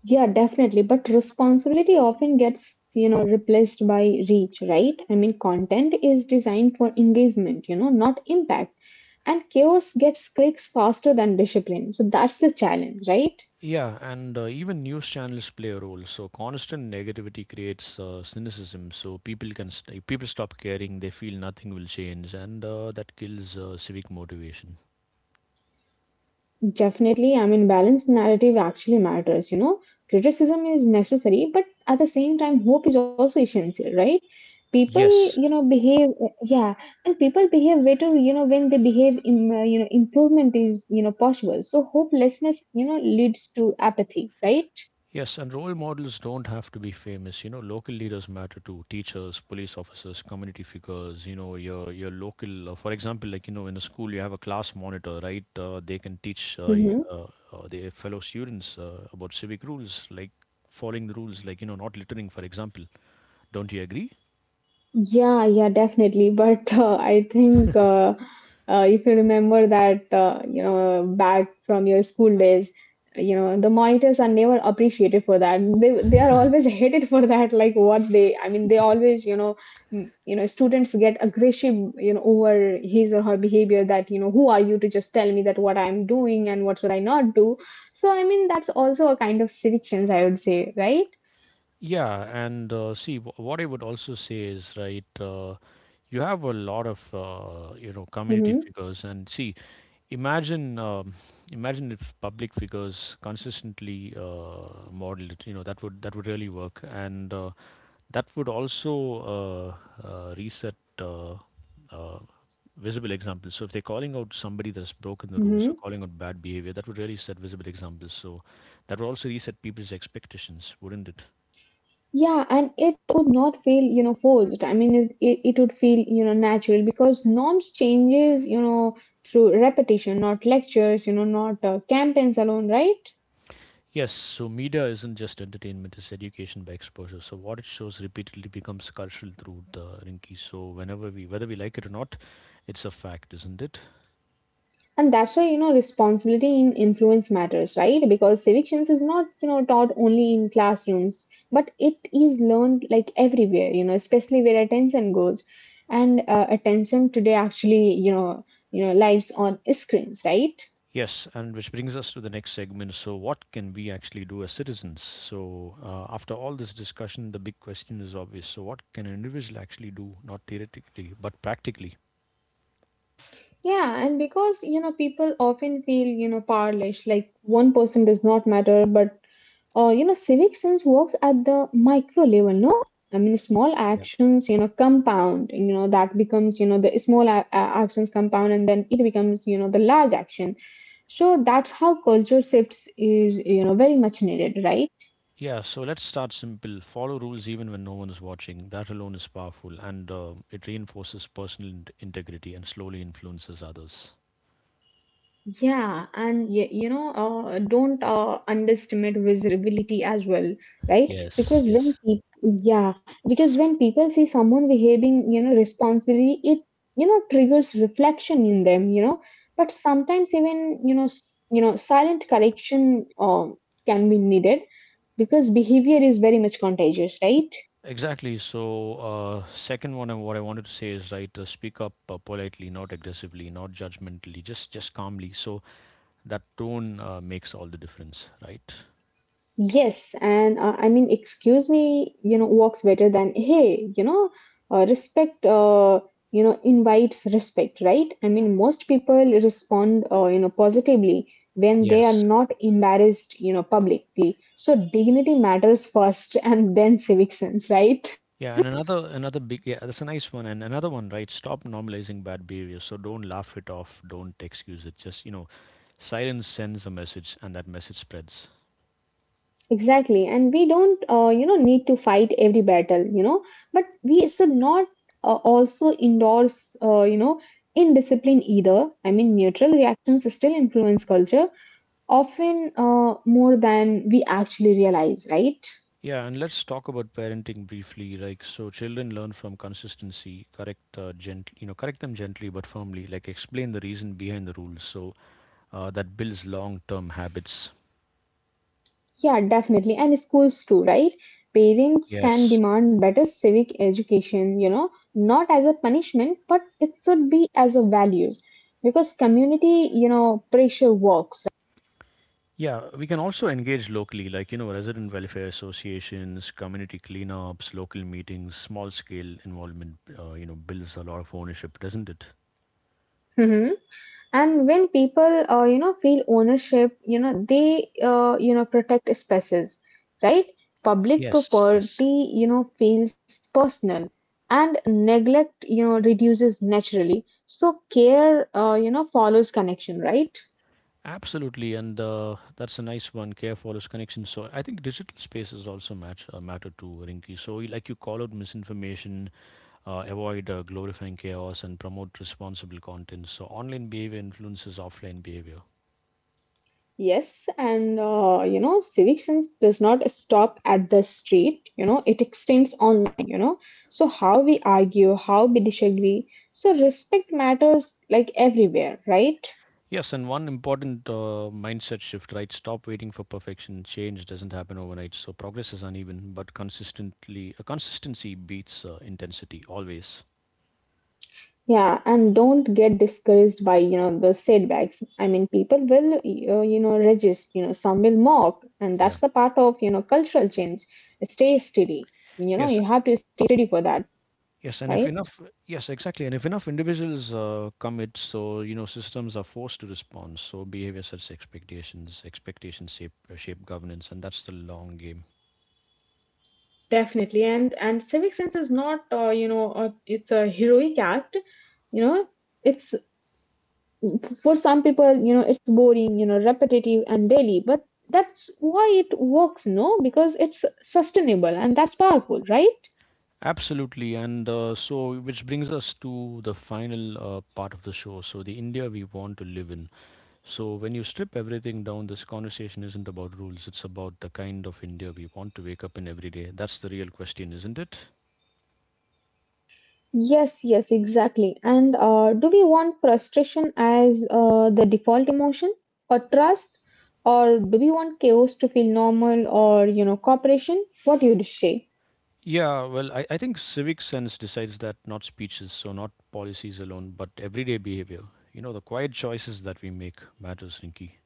Speaker 2: Yeah, definitely. But responsibility often gets replaced by reach, right? I mean, content is designed for engagement not impact. And chaos gets clicks faster than discipline. So that's the challenge, right?
Speaker 1: Yeah, and even news channels play a role. So constant negativity creates cynicism, so people stop caring. They feel nothing will change, and that kills civic motivation.
Speaker 2: Definitely, I mean, balanced narrative actually matters. Criticism is necessary, but at the same time, hope is also essential, right? People
Speaker 1: Yes.
Speaker 2: behave, yeah, and people behave better when they behave, in, improvement is possible. So hopelessness leads to apathy, right?
Speaker 1: Yes, and role models don't have to be famous. You know, local leaders matter too. Teachers, police officers, community figures. You know, your local. For example, like you know, in a school, you have a class monitor, right? They can teach
Speaker 2: Mhm.
Speaker 1: their fellow students about civic rules, like following the rules, like you know, not littering, for example. Don't you agree?
Speaker 2: Yeah, yeah, definitely. But I think if you remember that, back from your school days the monitors are never appreciated for that. They are always hated for that. Like I mean, they always students get aggressive over his or her behavior. That who are you to just tell me that what I'm doing and what should I not do? So I mean, that's also a kind of civictions, I would say, right?
Speaker 1: Yeah, and see, what I would also say is, right, you have a lot of, you know, community
Speaker 2: Mm-hmm.
Speaker 1: figures, and see, imagine, um, imagine if public figures consistently modeled it, you know, that would really work, and that would also reset uh, uh, visible examples. So if they're calling out somebody that's broken the rules or
Speaker 2: Mm-hmm.
Speaker 1: calling out bad behavior, that would really set visible examples. So that would also reset people's expectations, wouldn't it?
Speaker 2: Yeah, and it would not feel forced. I mean, it would feel natural because norms changes through repetition, not lectures not campaigns alone, right?
Speaker 1: Yes, so media isn't just entertainment, it's education by exposure. So what it shows repeatedly becomes cultural through the Rinki. So whenever we, whether we like it or not, it's a fact, isn't it?
Speaker 2: And that's why responsibility in influence matters, right? Because civic science is not taught only in classrooms, but it is learned like everywhere especially where attention goes. And attention today actually lives on screens, right?
Speaker 1: Yes, and which brings us to the next segment. So what can we actually do as citizens? So after all this discussion, the big question is obvious. So what can an individual actually do, not theoretically, but practically?
Speaker 2: Yeah, and because people often feel powerless, like one person does not matter, but civic sense works at the micro level, no? I mean, small actions compound. You know the small a- actions compound, and then it becomes the large action. So that's how culture shifts is very much needed, right?
Speaker 1: Yeah, so let's start simple. Follow rules even when no one is watching. That alone is powerful, and it reinforces personal integrity and slowly influences others.
Speaker 2: Yeah, and don't underestimate visibility as well, right?
Speaker 1: Yes,
Speaker 2: Because when
Speaker 1: yes.
Speaker 2: people, yeah, because when people see someone behaving responsibly, it triggers reflection in them. But sometimes even silent correction can be needed because behavior is very much contagious, right?
Speaker 1: Exactly. So, second one, and what I wanted to say is right. Speak up politely, not aggressively, not judgmentally, just calmly. So that tone makes all the difference, right?
Speaker 2: Yes, and I mean, excuse me works better than hey. Respect invites respect, right? I mean, most people respond positively when they are
Speaker 1: Yes.
Speaker 2: not embarrassed publicly. So dignity matters first and then civic sense, right?
Speaker 1: Yeah, and another big yeah, that's a nice one. And another one, right? Stop normalizing bad behavior. So don't laugh it off. Don't excuse it. Just you know, silence sends a message, and that message spreads.
Speaker 2: Exactly. And we don't need to fight every battle but we should not also endorse indiscipline either. I mean, neutral reactions still influence culture, often more than we actually realize, right?
Speaker 1: Yeah, and let's talk about parenting briefly. Like, so children learn from consistency. Correct them gently but firmly. Like, explain the reason behind the rules. So that builds long-term habits.
Speaker 2: Yeah, definitely. And schools too, right? Parents can
Speaker 1: Yes.
Speaker 2: demand better civic education not as a punishment, but it should be as a values because community pressure works.
Speaker 1: Yeah, we can also engage locally, like, you know, resident welfare associations, community cleanups, local meetings, small scale involvement, you know, builds a lot of ownership, doesn't it?
Speaker 2: Hmm. And when people feel ownership they protect spaces, right? Public
Speaker 1: Yes, yes.
Speaker 2: property feels personal and neglect reduces naturally. So care follows connection, right?
Speaker 1: Absolutely, and that's a nice one. Care follows connection. So I think digital spaces also matter too, Rinky. Like you call out misinformation, avoid glorifying chaos, and promote responsible content. So online behavior influences offline behavior.
Speaker 2: Yes, and civic sense does not stop at the street it extends online, you know. So how we argue, how we disagree. So respect matters like everywhere, right?
Speaker 1: Yes, and one important mindset shift, right? Stop waiting for perfection. Change doesn't happen overnight, so progress is uneven, but consistency beats intensity always.
Speaker 2: Yeah, and don't get discouraged by the setbacks. I mean, people will resist some will mock, and
Speaker 1: Yeah.
Speaker 2: that's the part of cultural change. Stay steady. You
Speaker 1: Yes,
Speaker 2: have to stay steady for that,
Speaker 1: yes, and if
Speaker 2: right?
Speaker 1: enough, yes, exactly, and if enough individuals commit, so you know systems are forced to respond. So behavior sets expectations, expectations shape governance, and that's the long game.
Speaker 2: Definitely, and civic sense is not it's a heroic act. You know, It's for some people it's boring repetitive and daily, but that's why it works, no? Because it's sustainable and that's powerful, right?
Speaker 1: Absolutely, and so which brings us to the final part of the show. So the India we want to live in. So, when you strip everything down, this conversation isn't about rules, it's about the kind of India we want to wake up in every day. That's the real question, isn't it?
Speaker 2: Yes, yes, exactly. And do we want frustration as the default emotion or trust? Or do we want chaos to feel normal or cooperation? What do you say?
Speaker 1: Yeah, well, I think civic sense decides that, not speeches, so not policies alone, but everyday behavior. You know, the quiet choices that we make matters, Rinky.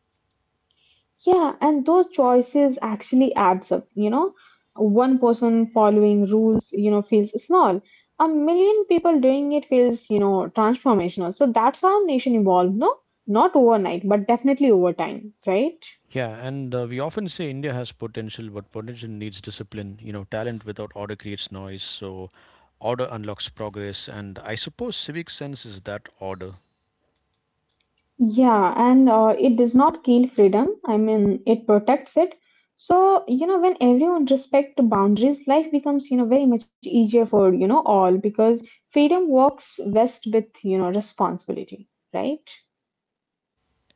Speaker 2: Yeah, and those choices actually adds up. One person following rules feels small. A million people doing it feels transformational. So that's how nation evolved, no? Not overnight, but definitely over time, right?
Speaker 1: Yeah, and we often say India has potential, but potential needs discipline. You know, talent without order creates noise, so order unlocks progress, and I suppose civic sense is that order.
Speaker 2: Yeah, and it does not kill freedom. I mean, it protects it. So when everyone respect the boundaries, life becomes very much easier for all because freedom works best with responsibility, right?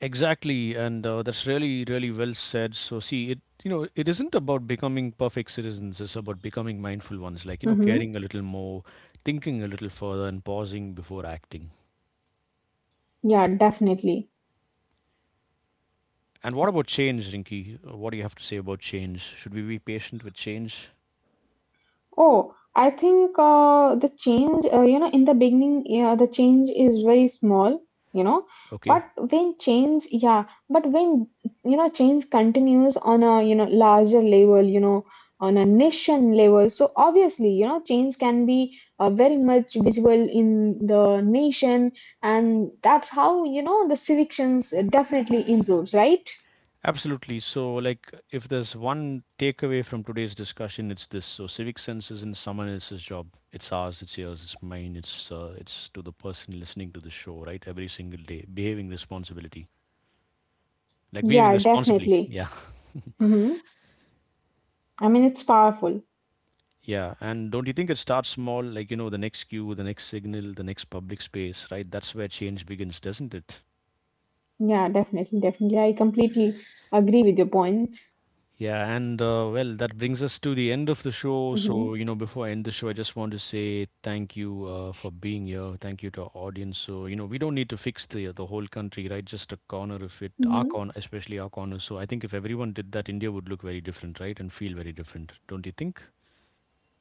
Speaker 1: Exactly, and that's really, really well said. So, see, it isn't about becoming perfect citizens. It's about becoming mindful ones, like, you know, caring
Speaker 2: Mm-hmm.
Speaker 1: a little more, thinking a little further, and pausing before acting.
Speaker 2: Yeah, definitely.
Speaker 1: And what about change, Rinky? What do you have to say about change? Should we be patient with change?
Speaker 2: Oh, I think the change in the beginning, yeah, the change is very small, you know,
Speaker 1: Okay.
Speaker 2: but when change continues on a larger level on a nation level, so obviously change can be very much visible in the nation, and that's how the civictions definitely improves, right?
Speaker 1: Absolutely. So, like, if there's one takeaway from today's discussion, it's this. So, civic sense isn't someone else's job. It's ours. It's yours. It's mine. It's to the person listening to the show, right? Every single day, behaving responsibility, like behaving
Speaker 2: Yeah,
Speaker 1: responsibly.
Speaker 2: definitely.
Speaker 1: Yeah,
Speaker 2: Mm-hmm. I mean, it's powerful.
Speaker 1: yeah. And don't you think it starts small? Like, you know, the next cue, the next signal, the next public space, right? That's where change begins, doesn't it?
Speaker 2: Yeah, definitely, definitely. I completely agree with your points.
Speaker 1: Yeah, and well, that brings us to the end of the show. So,
Speaker 2: Hmm.
Speaker 1: you know, before I end the show, I just want to say thank you for being here. Thank you to our audience. So, you know, we don't need to fix the whole country, right? Just a corner of it, our
Speaker 2: Hmm.
Speaker 1: corner, especially our corner. So, I think if everyone did that, India would look very different, right? And feel very different, don't you think?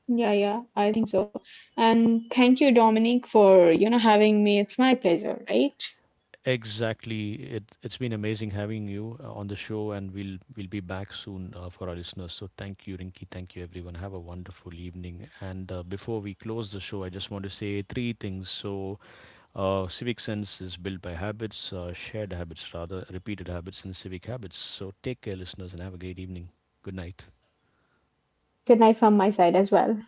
Speaker 2: Yeah, yeah, I think so. And thank you, Dominic, for having me. It's my pleasure, right?
Speaker 1: Exactly. It's been amazing having you on the show, and we'll be back soon for our listeners. So thank you, Rinky. Thank you, everyone. Have a wonderful evening. And before we close the show, I just want to say three things. So, civic sense is built by habits, shared habits rather, repeated habits, and civic habits. So take care, listeners, and have a great evening. Good night.
Speaker 2: Good night from my side as well.